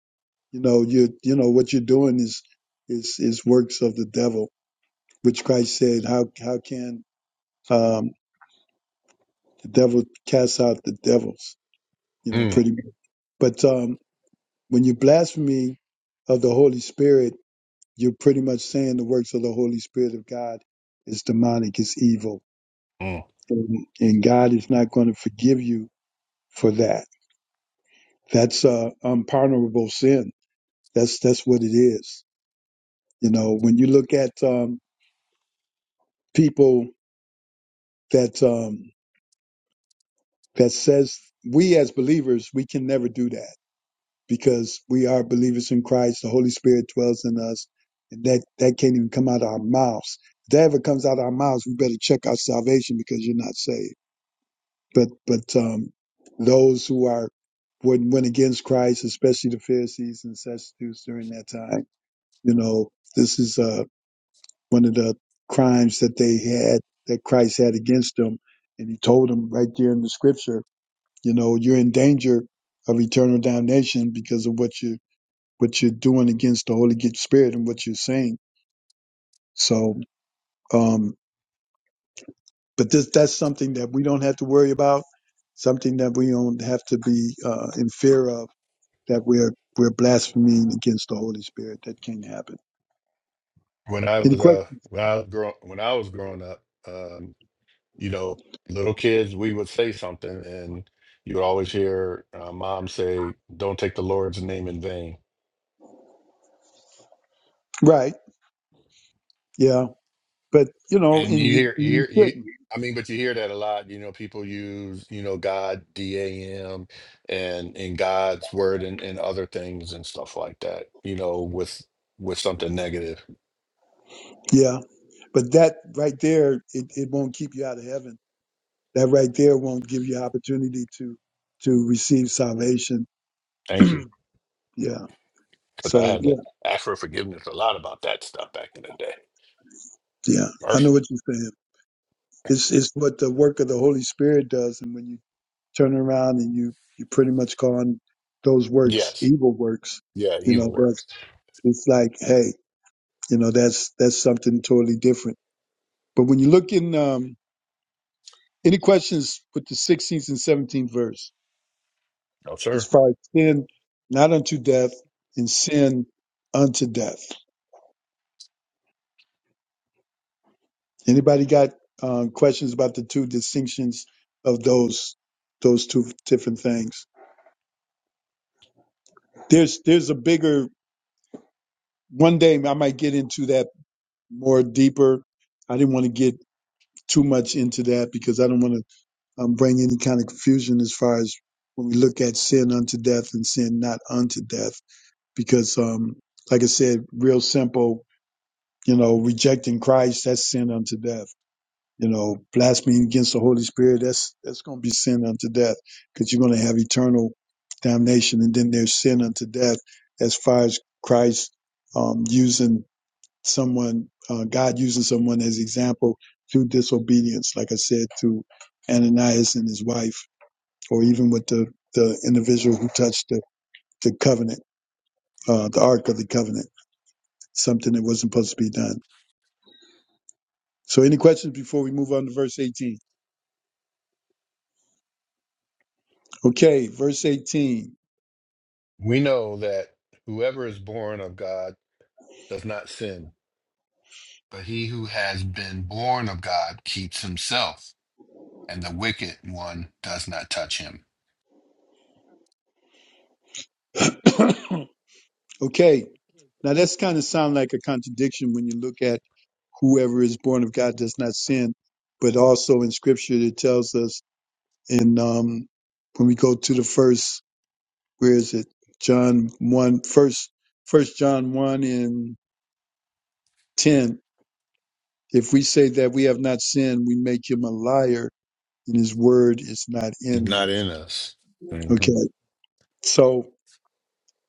A: you know, you you know what you're doing is is is works of the devil, which Christ said, how how can um, the devil cast out the devils? You know,
C: Mm,
A: pretty much. But um, when you blaspheme of the Holy Spirit, you're pretty much saying the works of the Holy Spirit of God is demonic, is evil,
C: mm.
A: and, and God is not going to forgive you for that. That's uh, unpardonable sin. That's that's what it is You know, when you look at um, people that um, that says we as believers we can never do that because we are believers in Christ. The Holy Spirit dwells in us, and that that can't even come out of our mouths. If that ever comes out of our mouths, we better check our salvation because you're not saved. But but um, those who are when went against Christ, especially the Pharisees and Sadducees during that time, you know, this is uh one of the crimes that they had that Christ had against them. And he told them right there in the scripture, you know, you're in danger of eternal damnation because of what you what you're doing against the Holy Spirit and what you're saying. So um but this that's something that we don't have to worry about, something that we don't have to be uh in fear of that we're we're blaspheming against the Holy Spirit. That can't happen.
C: when I
A: Any
C: was
A: question?
C: uh when I was grow when I was growing up, um, you know, little kids, we would say something, and you would always hear uh, mom say, "Don't take the Lord's name in vain."
A: Right. Yeah. But you know,
C: And
A: and
C: you
A: you
C: hear, you
A: you
C: hear, you.
A: shouldn't.
C: I mean, but you hear that a lot. You know, people use you know God, D A M, and and God's word and and other things and stuff like that. You know, with with something negative.
A: Yeah. But that right there, it, it won't keep you out of heaven. That right there won't give you opportunity to to receive salvation.
C: Thank you,
A: Yeah.
C: because I
A: So
C: had to
A: yeah,
C: ask for forgiveness a lot about that stuff back in the day.
A: yeah. I know
C: Mercy.
A: what you're saying. It's it's what the work of the Holy Spirit does, and when you turn around and you you pretty much call on those works
C: Yes.
A: evil works,
C: Yeah,
A: you know
C: evil
A: that's
C: works.
A: it's like hey, you know that's that's something totally different. But when you look in, um, any questions with the 16th and 17th verse?
C: No,
A: as
C: sir.
A: far as sin not unto death and sin unto death. Anybody got um, questions about the two distinctions of those those two different things? There's there's a bigger one day I might get into that more deeper. I didn't want to get too much into that because I don't want to um, bring any kind of confusion as far as when we look at sin unto death and sin not unto death because um, like I said, real simple You know, rejecting Christ, that's sin unto death. You know, blaspheming against the Holy Spirit, that's that's going to be sin unto death because you're going to have eternal damnation. And then there's sin unto death as far as Christ um, using someone, uh, God using someone as example through disobedience, like I said, to Ananias and his wife, or even with the, the individual who touched the, the covenant, uh, the Ark of the Covenant, something that wasn't supposed to be done. So, any questions before we move on to verse 18? Okay, verse 18.
C: We know that whoever is born of God does not sin, but he who has been born of God keeps himself, and the wicked one does not touch him.
A: okay, now that's kind of sound like a contradiction when you look at whoever is born of God does not sin, but also in Scripture it tells us in um, when we go to the first, where is it? John one first, first John one and ten. If we say that we have not sinned, we make him a liar, and his word is not
C: He's
A: in
C: not
A: us.
C: in us. hmm
A: Okay, so.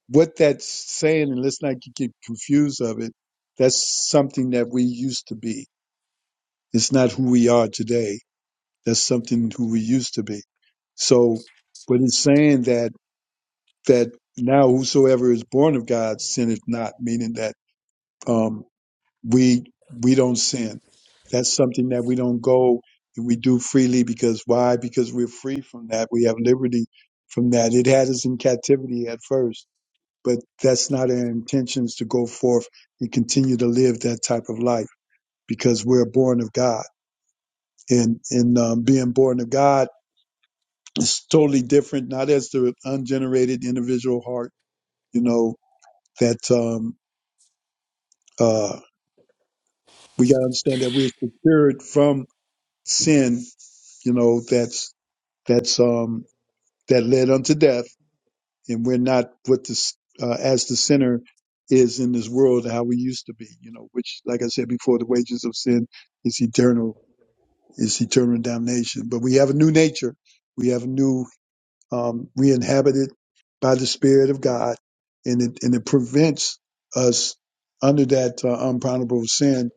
A: what that's saying, and let's not get confused of it, that's something that we used to be. It's not who we are today. That's something who we used to be. So, but it's saying that that now whosoever is born of God sinneth not, meaning that um, we we don't sin. That's something that we don't go and we do freely because why? Because we're free from that. We have liberty from that. It had us in captivity at first but that's not our intentions to go forth and continue to live that type of life because we're born of God. And, and um, being born of God is totally different, not as the ungenerated individual heart, you know, that um, uh, we got to understand that we're secured from sin, you know, that's, that's, um, that led unto death and we're not what this uh, as the sinner is in this world how we used to be you know which like i said before the wages of sin is eternal is eternal damnation but we have a new nature we have a new um, we inhabit it by the Spirit of God, and it and it prevents us under that uh, unpardonable sin.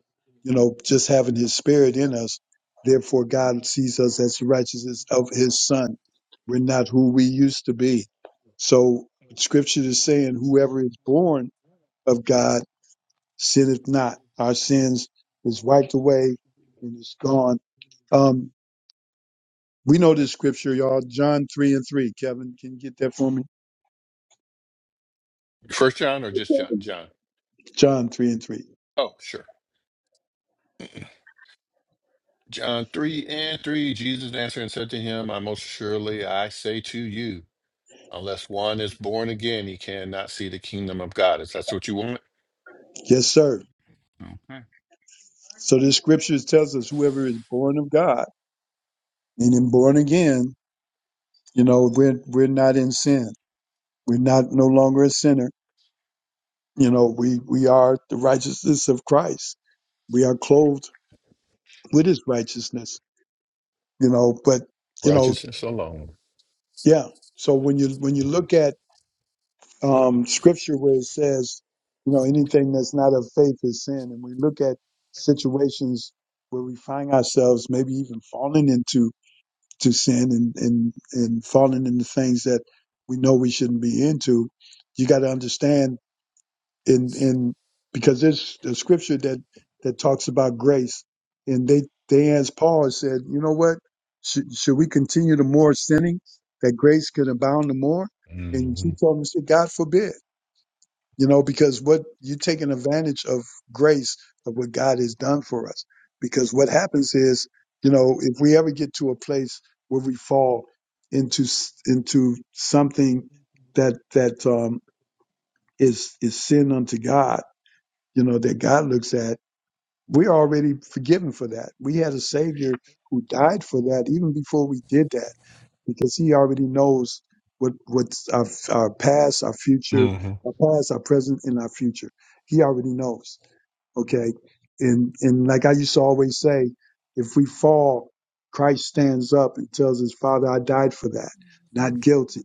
A: You know, just having His Spirit in us. Therefore, God sees us as the righteousness of His Son. We're not who we used to be. So, Scripture is saying, whoever is born of God sinneth not. Our sins is wiped away and is gone. Um, we know this scripture, y'all. John three and three. Kevin, can you get that for me?
C: First John or just John? John.
A: John 3 and 3.
C: Oh, sure. John 3 and 3. Jesus answered and said to him, I most surely I say to you, unless one is born again, he cannot see the kingdom of God. Is that what you want.
A: Yes, sir.
C: Okay.
A: So the scriptures tells us whoever is born of God and then born again, you know, we're, we're not in sin. We're not no longer a sinner. You know, we, we are the righteousness of Christ. We are clothed with his righteousness, you know, but, you know,
C: Righteousness alone.
A: yeah. So when you, when you look at, um, scripture where it says, you know, anything that's not of faith is sin. And we look at situations where we find ourselves maybe even falling into to sin and, and, and falling into things that we know we shouldn't be into, you got to understand in, in, because there's a scripture that, that talks about grace and they, they asked Paul and said, you know what? Should, should we continue to more sinning that grace can abound the more? And he
C: Mhm.
A: told them, said, God forbid you know, because what you're taking advantage of grace of what God has done for us. Because what happens is, you know, if we ever get to a place where we fall into s- into something that that um, is is sin unto God, you know, that God looks at, we're already forgiven for that. We had a Savior who died for that even before we did that because he already knows what what's our, our past, our future,
C: Mhm.
A: our past, our present, and our future. He already knows. Okay, and and like I used to always say, if we fall, Christ stands up and tells his Father, "I died for that, not guilty."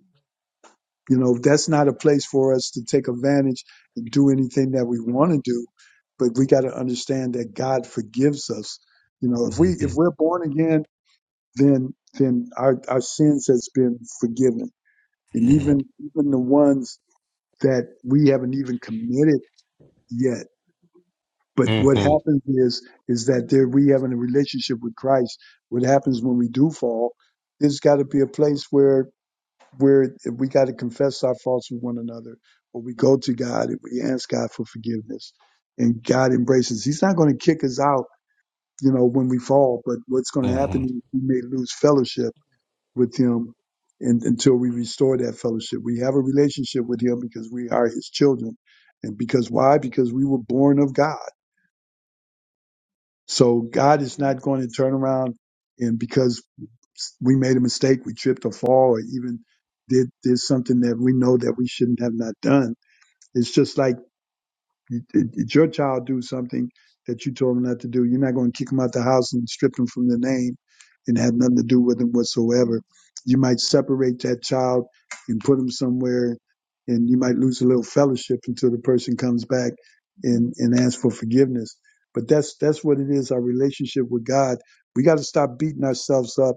A: You know, that's not a place for us to take advantage and do anything that we want to do, but we got to understand that God forgives us. You know, if we if
C: Mhm.
A: we're born again then then our, our sins has been forgiven. And
C: Mhm.
A: even even the ones that we haven't even committed yet. But what
C: Mhm.
A: happens is is that there we have a relationship with Christ. What happens when we do fall, there's gotta be a place where where we gotta confess our faults with one another. Or we go to God and we ask God for forgiveness. And God embraces. He's not gonna kick us out, you know, when we fall, but what's gonna happen
C: Mhm.
A: is we may lose fellowship with him and, until we restore that fellowship. We have a relationship with him because we are his children. And because why? Because we were born of God. So God is not going to turn around and because we made a mistake, we tripped or fall or even did, did something that we know that we shouldn't have not done. It's just like You, it- your child do something that you told them not to do. You're not going to kick them out the house and strip them from the name and have nothing to do with them whatsoever. You might separate that child and put them somewhere, and you might lose a little fellowship until the person comes back and and asks for forgiveness. But that's that's what it is. Our relationship with God. We got to stop beating ourselves up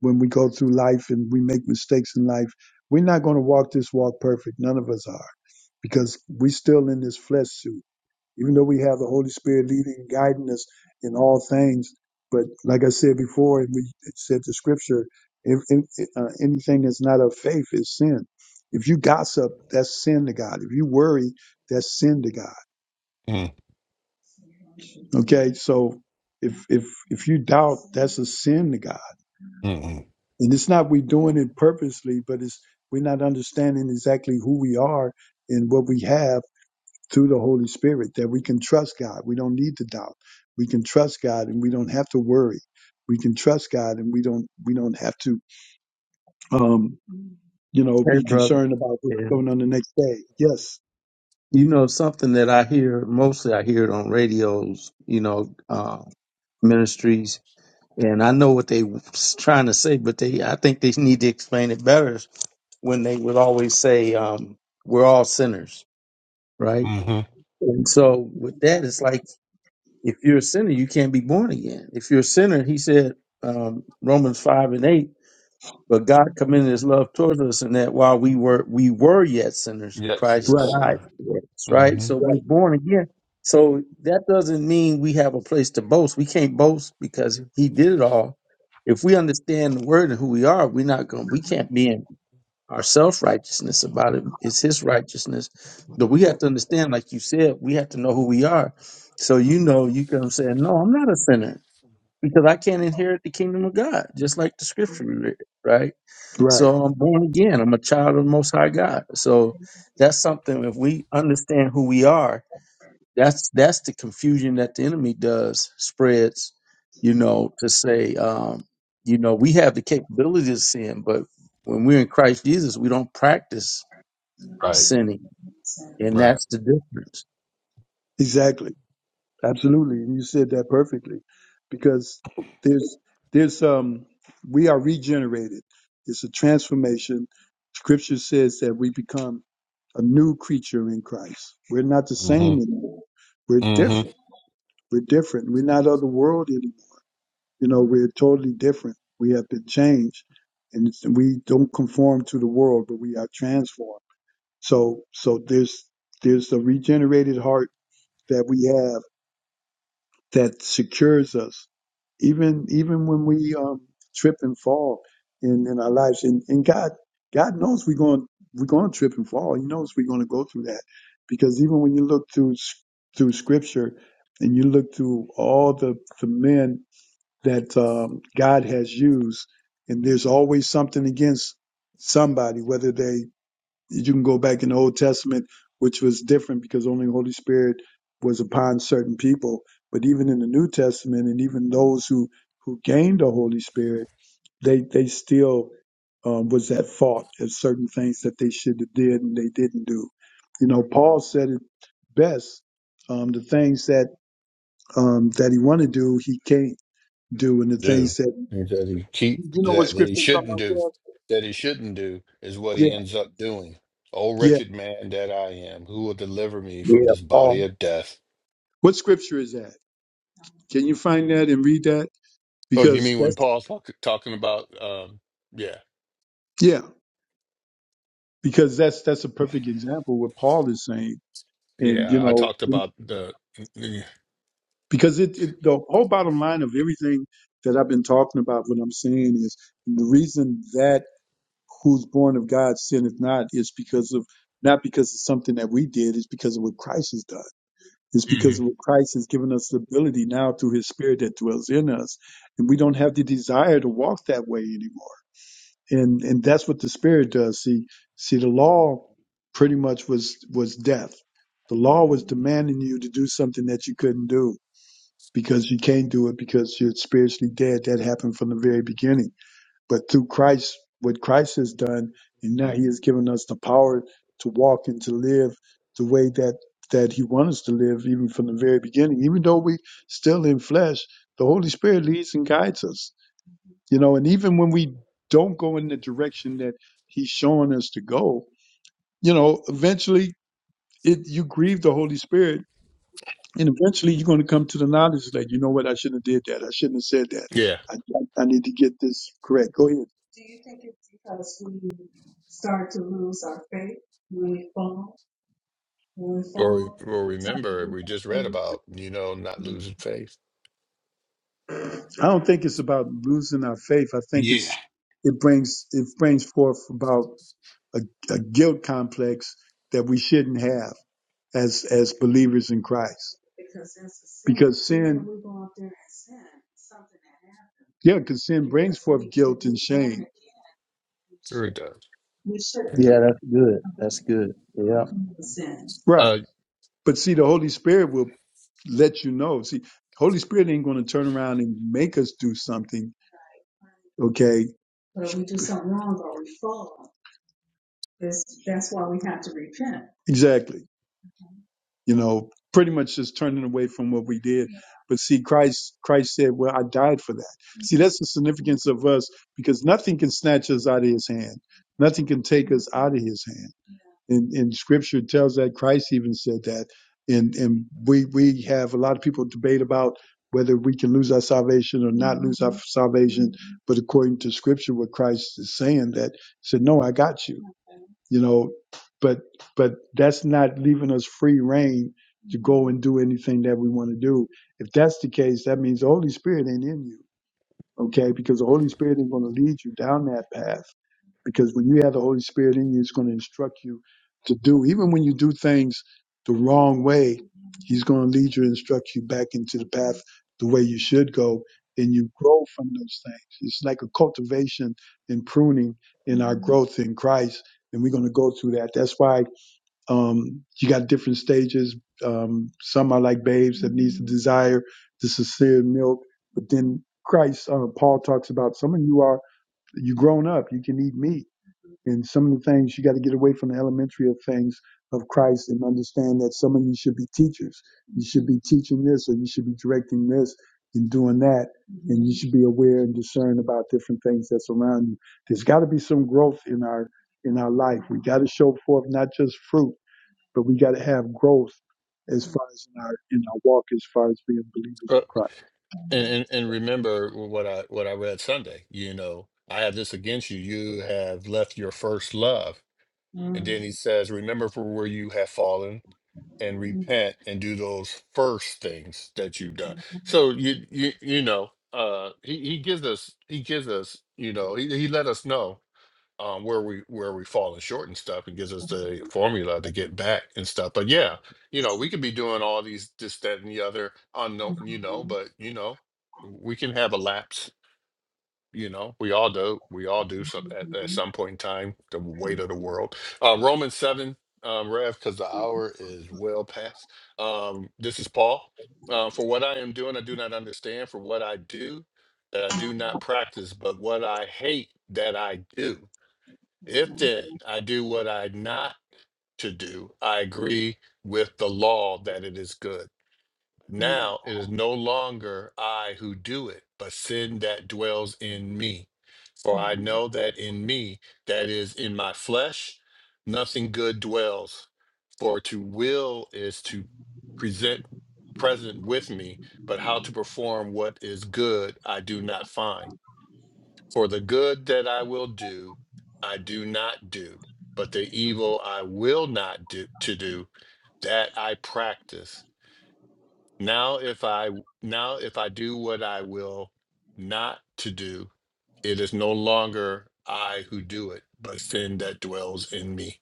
A: when we go through life and we make mistakes in life. We're not going to walk this walk perfect. None of us are because we are still in this flesh suit even though we have the Holy Spirit leading and guiding us in all things. But like I said before, and we said the scripture, if, if, uh, anything that's not of faith is sin. If you gossip, that's sin to God. If you worry, that's sin to God.
C: Mhm.
A: Okay, so if if if you doubt, that's a sin to God.
C: Mhm.
A: And it's not we doing it purposely, but it's we're not understanding exactly who we are and what we have through the Holy Spirit that we can trust God. We don't need to doubt. We can trust God and we don't have to worry. We can trust God and we don't we don't have to um you know
B: Hey,
A: be
B: brother.
A: concerned about what's
B: Yeah.
A: going on the next day. Yes.
B: You know, something that I hear, mostly I hear it on radios, you know, uh, ministries. And I know what they was trying to say, but they, I think they need to explain it better when they would always say, um, we're all sinners, right?
C: Mhm.
B: And so with that, it's like, If you're a sinner, you can't be born again. If you're a sinner, he said, um, Romans 5 and 8, but God commended his love towards us in that while we were we were yet sinners,
C: Yes,
B: Christ
C: yes.
A: Right.
B: died
C: Uh,
B: for us, right?
C: mhm.
B: So we're
A: Right.
B: born again. So that doesn't mean we have a place to boast. We can't boast because he did it all. If we understand the word and who we are, we're not going we can't be in our self righteousness about it is His righteousness. But we have to understand, like you said, we have to know who we are. So you know, you come saying, "No, I'm not a sinner." Because I can't inherit the kingdom of God, just like the scripture we read, right?
A: Right.
B: So I'm born again. I'm a child of the Most High God. So that's something. If we understand who we are, that's that's the confusion that the enemy does spreads, you know, to say, um, you know, we have the capability of sin, but when we're in Christ Jesus, we don't practice
C: Right.
B: sinning, and
C: Right.
B: that's the difference.
A: Exactly. Absolutely. And you said that perfectly. Because there's there's um we are regenerated. It's a transformation. Scripture says that we become a new creature in Christ. We're not the same
C: Mhm.
A: anymore. We're
C: Mhm.
A: different We're different. We're not of the world anymore. You know, we're totally different. We have been changed, and it's- we don't conform to the world, but we are transformed. So, so there's there's a regenerated heart that we have that secures us, even even when we um, trip and fall in in our lives. And, and God God knows we're going we're going to trip and fall. He knows we're going to go through that, because even when you look through s- through Scripture and you look through all the the men that um, God has used, and there's always something against somebody. Whether they, you can go back in the Old Testament, which was different because only the Holy Spirit was upon certain people. But even in the New Testament, and even those who who gained the Holy Spirit, they they still um, was at fault at certain things that they should have did and they didn't do. You know, Paul said it best: um, the things that um, that he want to do, he can't do, and the things
C: Do
A: that
C: And that he keep
A: you know what
C: that that he
A: scripture I'm talking
C: shouldn't
A: about?
C: do
A: Brad?
C: that he shouldn't do is what
A: Yeah,
C: he ends up doing. Oh,
A: yeah.
C: wretched man that I am, who will deliver me from
B: Yeah,
C: this body
B: Paul.
C: of death?
A: What scripture is that? Can you find that and read that?
C: Oh, you
A: Because
C: mean when
A: that's
C: Paul's talk, talking about? Um, yeah,
A: yeah, because that's that's a perfect example of what Paul is saying, and you
C: yeah. I talked
A: know,
C: about the.
A: because it, it the whole bottom line of everything that I've been talking about, what I'm saying is the reason that who's born of God sinneth not is because of not because of something that we did, it's because of what Christ has done. It's
C: hmm
A: because what Christ has given us the ability now through his spirit that dwells in us. And we don't have the desire to walk that way anymore. And and that's what the spirit does. See, see the law pretty much was was death. The law was demanding you to do something that you couldn't do because you can't do it because you're spiritually dead. That happened from the very beginning but through Christ, what Christ has done, and now He has given us the power to walk and to live the way that that He wants us to live, even from the very beginning. Even though we still in flesh, the Holy Spirit leads and guides us. You know, and even when we don't go in the direction that He's showing us to go, you know, eventually it you grieve the Holy Spirit. And eventually, you're going to come to the knowledge that you know what I shouldn't have did that. I shouldn't have said that.
C: Yeah.
A: I, I I need to get this correct. Go ahead.
C: Or, re- or remember, we just read about, you know, not losing faith.
A: I don't think it's about losing our faith. I think
C: Yeah.
A: it's it brings it brings forth about a, a guilt complex that we shouldn't have as as believers in Christ. Because sin, yeah, because sin brings forth guilt and shame.
C: Sure it does. Yeah.
B: Yeah, that's good. That's good. Yeah,
A: Right.
C: Uh,
A: But see, the Holy Spirit will let you know. See, Holy Spirit ain't going to turn around and make us do something. Okay. Exactly. you know, pretty much just turning away from what we did. But see, Christ, Christ said, well, I died for that. See, that's the significance of us because nothing can snatch us out of his hand. Nothing can take us out of his hand. And, and scripture tells that Christ even said that. And, and we, we have a lot of people debate about whether we can lose our salvation or not lose our salvation. But according to scripture, what Christ is saying that he said, no, I got you. you know but but that's not leaving us free reign to go and do anything that we want to do if that's the case that means the holy spirit ain't in you okay because the holy spirit ain't going to lead you down that path because when you have the Holy Spirit in you, it's going to instruct you to do. Even when you do things the wrong way, He's going to lead you, and instruct you back into the path the way you should go, and you grow from those things. It's like a cultivation and pruning in our growth in Christ, and we're going to go through that. That's why um, you got different stages. Um, some are like babes that needs to desire the sincere milk, but then Christ, uh, Paul talks about some of you are you grown up, you can eat meat and some of the things you got to get away from the elementary of things of Christ and understand that some of you should be teachers. You should be teaching this or you should be directing this and doing that. And you should be aware and discern about different things that's around you. There's got to be some growth in our in our life. We got to show forth not just fruit, but we got to have growth as far as in our in our walk as far as being believers
C: uh,
A: in Christ.
C: and, and and remember what I what I read Sunday. You know, I have this against you. You have left your first love. And then he says, remember from where you have fallen and repent and do those first things that you've done. So you you you know, uh, he he gives us he gives us you know he he let us know um, where we where we falling short and stuff. and gives us the formula to get back and stuff. But yeah, you know, we could be doing all these this, that, and the other unknown, you know. But you know, we can have a lapse. You know, we all do. We all do So at, at some point in time. The weight of the world. Uh, Romans seven, um, Rev, because the hour is well past. Um, this is Paul. Uh, for what I am doing, I do not understand. For what I do, that I do not practice, but what I hate, that I do. If then I do what I not to do, I agree with the law that it is good. Now it is no longer I who do it, but sin that dwells in me. For I know that in me, that is in my flesh, nothing good dwells. For to will is to present present with me, but how to perform what is good I do not find. For the good that I will do, I do not do, but the evil I will not do to do, that I practice. Now if I now if I do what I will not to do, it is no longer I who do it, but sin that dwells in me.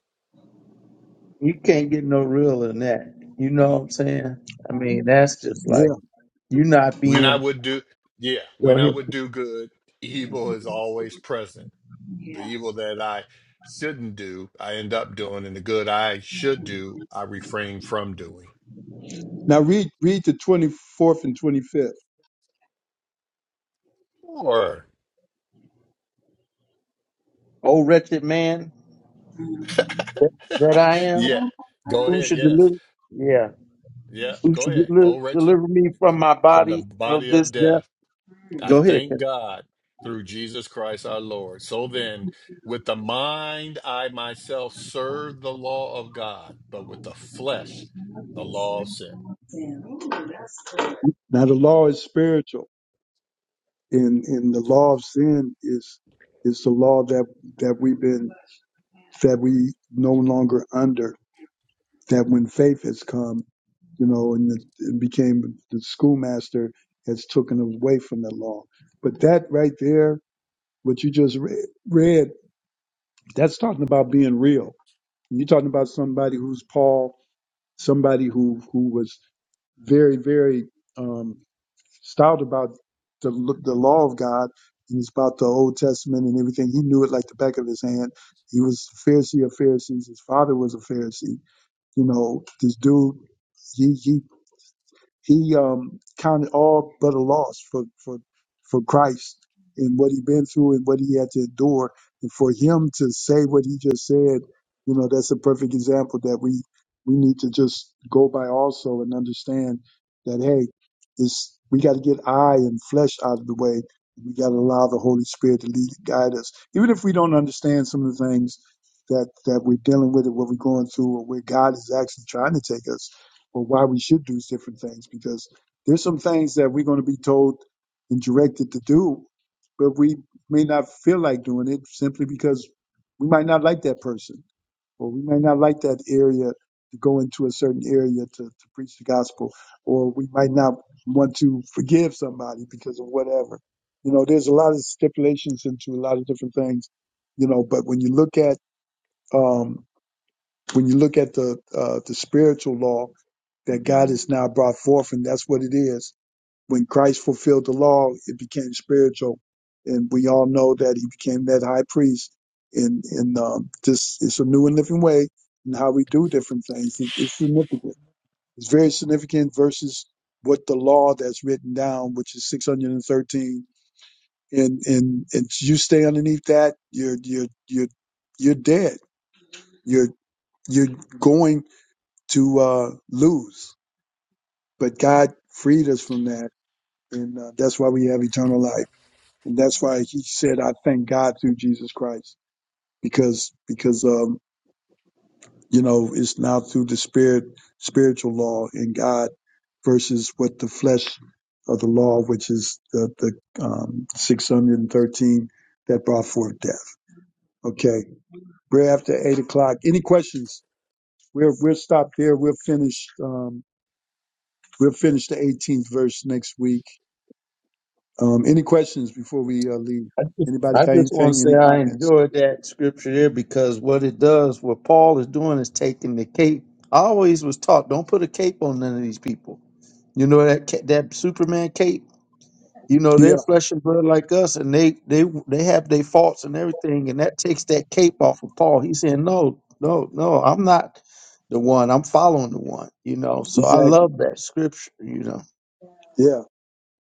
B: you can't get no realer than that. You know what I'm saying? I mean, that's just like
A: Yeah.
B: you not
C: When I
B: being,
C: would do yeah,
B: you know,
C: when I
B: here,
C: would do good, evil is always present. The evil that I shouldn't do, I end up doing, and the good I should do, I refrain from doing.
A: Now read read the twenty fourth and twenty fifth.
C: Sure.
B: oh wretched man that, that I am.
C: Yeah. Go
B: Who
C: ahead.
B: should
C: Yes.
B: deliver? Yeah.
C: Yeah.
B: who
C: Go
B: should
C: ahead.
B: deli-
C: Oh, wretched
B: deliver me from my
C: from the
B: body of
C: body of
B: this death.
C: death. I
B: Go ahead,
C: thank
B: Ken.
C: God through Jesus Christ our Lord. So then, with the mind, I myself serve the law of God, but with the flesh, the law of sin.
A: Now the law is spiritual In in the law of sin is is the law that that we've been that we no longer under that when faith has come you know and it, it became the schoolmaster has taken away from the law but that right there what you just read, read that's talking about being real you're talking about somebody who's paul somebody who who was very very um, It's out about the the law of God, and it's about the Old Testament and everything. He knew it like the back of his hand. He was a Pharisee of Pharisees. His father was a Pharisee. You know, this dude, he he he um, counted all but a loss for, for, for Christ and what he'd been through and what he had to endure. And for him to say what he just said, you know, that's a perfect example that we, we need to just go by also and understand that, hey, it's, we got to get eye and flesh out of the way. We got to allow the Holy Spirit to lead and guide us. Even if we don't understand some of the things that, that we're dealing with or what we're going through or where God is actually trying to take us, or why we should do different things because there's some things that we're going to be told and directed to do, but we may not feel like doing it simply because we might not like that person or we might not like that area to go into a certain area to, to preach the gospel or we might not want to forgive somebody because of whatever. You know, there's a lot of stipulations into a lot of different things, you know, but when you look at, um, when you look at the uh, the spiritual law that God has now brought forth, and that's what it is. When Christ fulfilled the law, it became spiritual, and we all know that He became that high priest. And and um, this is a new and living way in how we do different things. It, it's significant. It's very significant versus what the law that's written down, which is 613, and thirteen, and and and you stay underneath that, you're you're you're you're dead. You're you're going to uh, lose. But God freed us from that, and uh, that's why we have eternal life. And that's why He said, "I thank God through Jesus Christ," because because um, you know it's now through the spirit, spiritual law in God versus what the flesh of the law, which is the the um, six hundred and thirteen that brought forth death. Okay, we're after eight o'clock. Any questions? We'll we'll stop there. We'll finish. Um, we'll finish the 18th verse next week Um, any questions before we uh, leave?
B: I just,
A: Anybody
B: I
A: got
B: just want to
A: anything?
B: say
A: Any
B: I
A: comments?
B: enjoyed that scripture there because what it does, what Paul is doing is taking the cape. I always was taught, don't put a cape on none of these people. You know that ca- that Superman cape. You know they're
A: Yeah,
B: flesh and blood like us, and they they they have their faults and everything, and that takes that cape off of Paul. He's saying, no, no, no, I'm not the one. I'm following the one. You know, so I
A: exactly.
B: love that scripture. You know.
A: Yeah,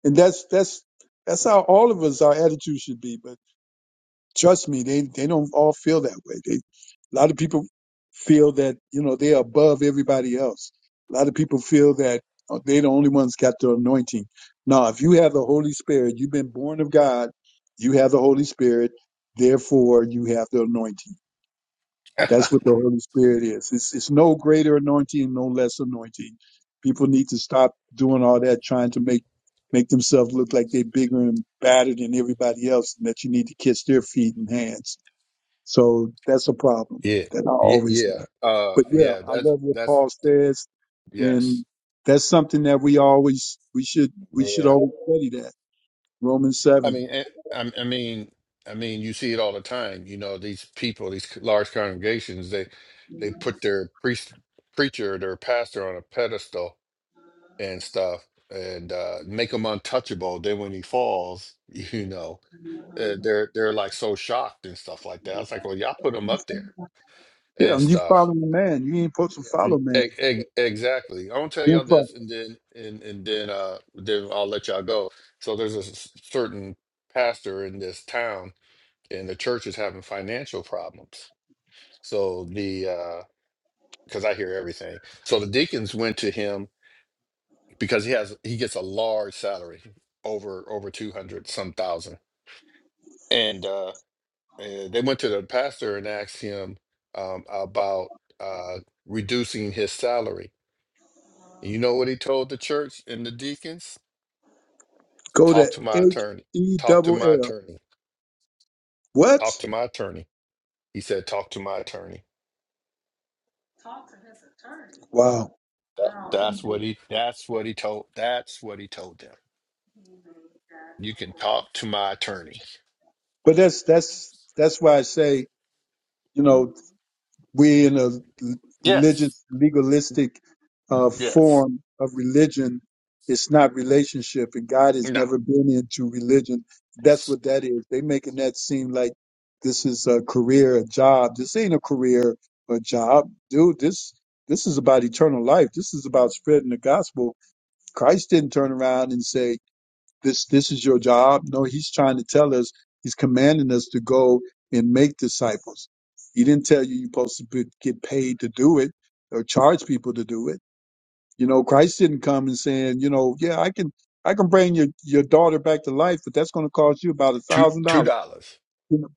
A: and that's that's that's how all of us our attitude should be. But trust me, they they don't all feel that way. They a lot of people feel that you know they're above everybody else. A lot of people feel that oh, they're the only ones got the anointing. Now, if you have the Holy Spirit, you've been born of God. You have the Holy Spirit, therefore you have the anointing. That's what the Holy Spirit is. It's it's no greater anointing, no less anointing. People need to stop doing all that, trying to make make themselves look like they're bigger and badder than everybody else, and that you need to kiss their feet and hands. So that's a problem
C: Yeah.
A: that I
C: Yeah.
A: always
C: Yeah.
A: have.
C: Uh,
A: But yeah,
C: yeah.
A: I
C: That's,
A: love what
C: that's,
A: Paul says,
C: yes.
A: and that's something that we always we should we should always study that Romans
C: I
A: seven.
C: mean, eh, I, I mean, I mean, you see it all the time. You know, these people, these c- large congregations, they they put their priest, preacher, their pastor on a pedestal and stuff, and uh, make him untouchable. Then when he falls, you know, uh, they're they're like so shocked and stuff like that. I was like, well, y'all put him up there
A: Yeah,
C: and
A: and you
C: stuff.
A: follow man. You ain't supposed to follow
C: Mm,
A: man.
C: E- e- exactly. I want to tell
A: You
C: y'all
A: ain't supposed
C: this, and then and and then uh then I'll let y'all go. So there's a s- certain pastor in this town and the church is having financial problems. So the because I hear everything. So the deacons went to him because he has he gets a large salary over over two hundred some thousand, and uh, eh, they went to the pastor and asked him um, about uh, reducing his salary. You know what he told the church and the deacons?
A: to go to
C: Talk to my
A: H
C: attorney.
A: E
C: Talk to
A: double
C: my
A: L.
C: attorney.
A: What?
C: Talk to my attorney. He said, "Talk to my attorney."
A: Wow.
C: That- that's what he that's what he told that's what he told them. You can talk to my attorney.
A: But that's that's that's why I say, you know, we in a
C: Yes.
A: religious legalistic uh,
C: Yes.
A: form of religion. It's not relationship, and God has
C: No.
A: never been into religion. That's what that is. They making that seem like this is a career, a job. This ain't a career or job, dude. This this is about eternal life. This is about spreading the gospel. Christ didn't turn around and say, this this is your job. No, he's trying to tell us, he's commanding us to go and make disciples. He didn't tell you you're supposed to be, get paid to do it or charge people to do it. You know, Christ didn't come and saying, you know, yeah, I can I can bring your your daughter back to life, but that's going to cost you about a
C: Two
A: thousand
C: two
A: dollars,
C: dollars.
A: you know,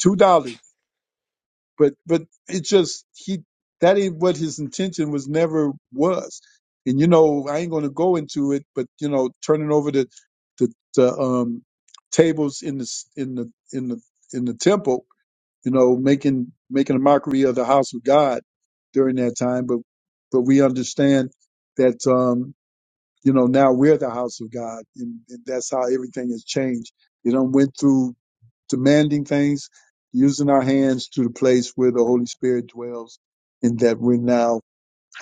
A: two dollars but but it just he that ain't what his intention was never was and you know i ain't going to go into it but you know turning over the the, the um tables in the s- in the in the in the temple you know making making a mockery of the house of god during that time but but we understand that um you know now we're the house of god and, and that's how everything has changed you know went through demanding things, using our hands to the place where the Holy Spirit dwells, and that we're now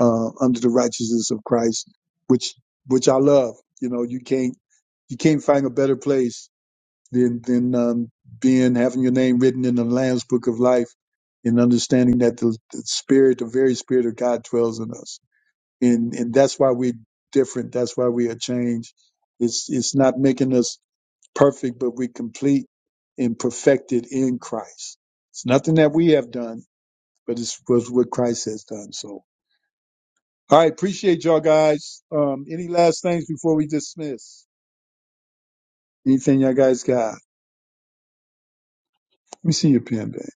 A: uh, under the righteousness of Christ, which which I love. You know, you can't you can't find a better place than than um, being having your name written in the Lamb's Book of Life, and understanding that the, the Spirit, the very Spirit of God, dwells in us, and and that's why we're different. That's why we are changed. It's it's not making us perfect, but we complete and perfected in Christ. It's nothing that we have done, but it's was what Christ has done. So, all right, appreciate y'all guys. Um, any last things before we dismiss? Anything y'all guys got? Let me see your pen, man.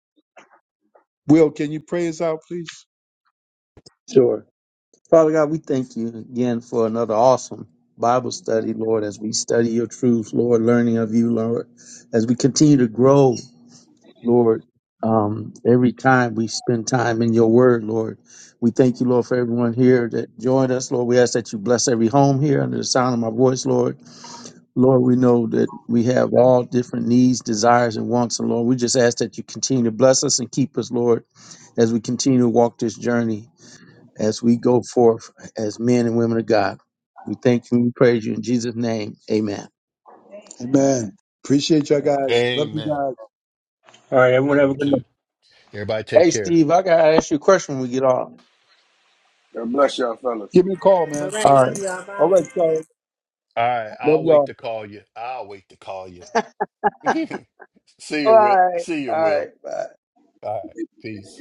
A: Will, can you pray us out, please?
B: Sure. Father God, we thank you again for another awesome Bible study, Lord, as we study your truth, Lord, learning of you, Lord, as we continue to grow, Lord, um, every time we spend time in your word, Lord. We thank you, Lord, for everyone here that joined us, Lord. We ask that you bless every home here under the sound of my voice, Lord. Lord, we know that we have all different needs, desires, and wants, and Lord, we just ask that you continue to bless us and keep us, Lord, as we continue to walk this journey as we go forth as men and women of God. We thank you and we praise you in Jesus' name. Amen.
A: Amen. Appreciate y'all guys. Love you
C: Amen.
A: guys.
F: All right, everyone
C: Love
F: have a
C: you
F: good night.
C: too. Everybody take
B: Hey,
C: care.
B: Steve, I got to ask you a question when we get off.
D: God bless y'all, fellas.
A: Give me a call,
E: All
A: man.
B: All
E: right, love
B: right.
E: y'all.
A: All
E: Bye.
A: right, y'all.
C: All right.
A: Love
C: I'll
A: y'all.
C: wait to call you. I'll wait to call you. See
B: All
C: you, Will.
B: right.
C: See you,
B: All
C: Will.
B: right. Bye.
C: All right. Peace.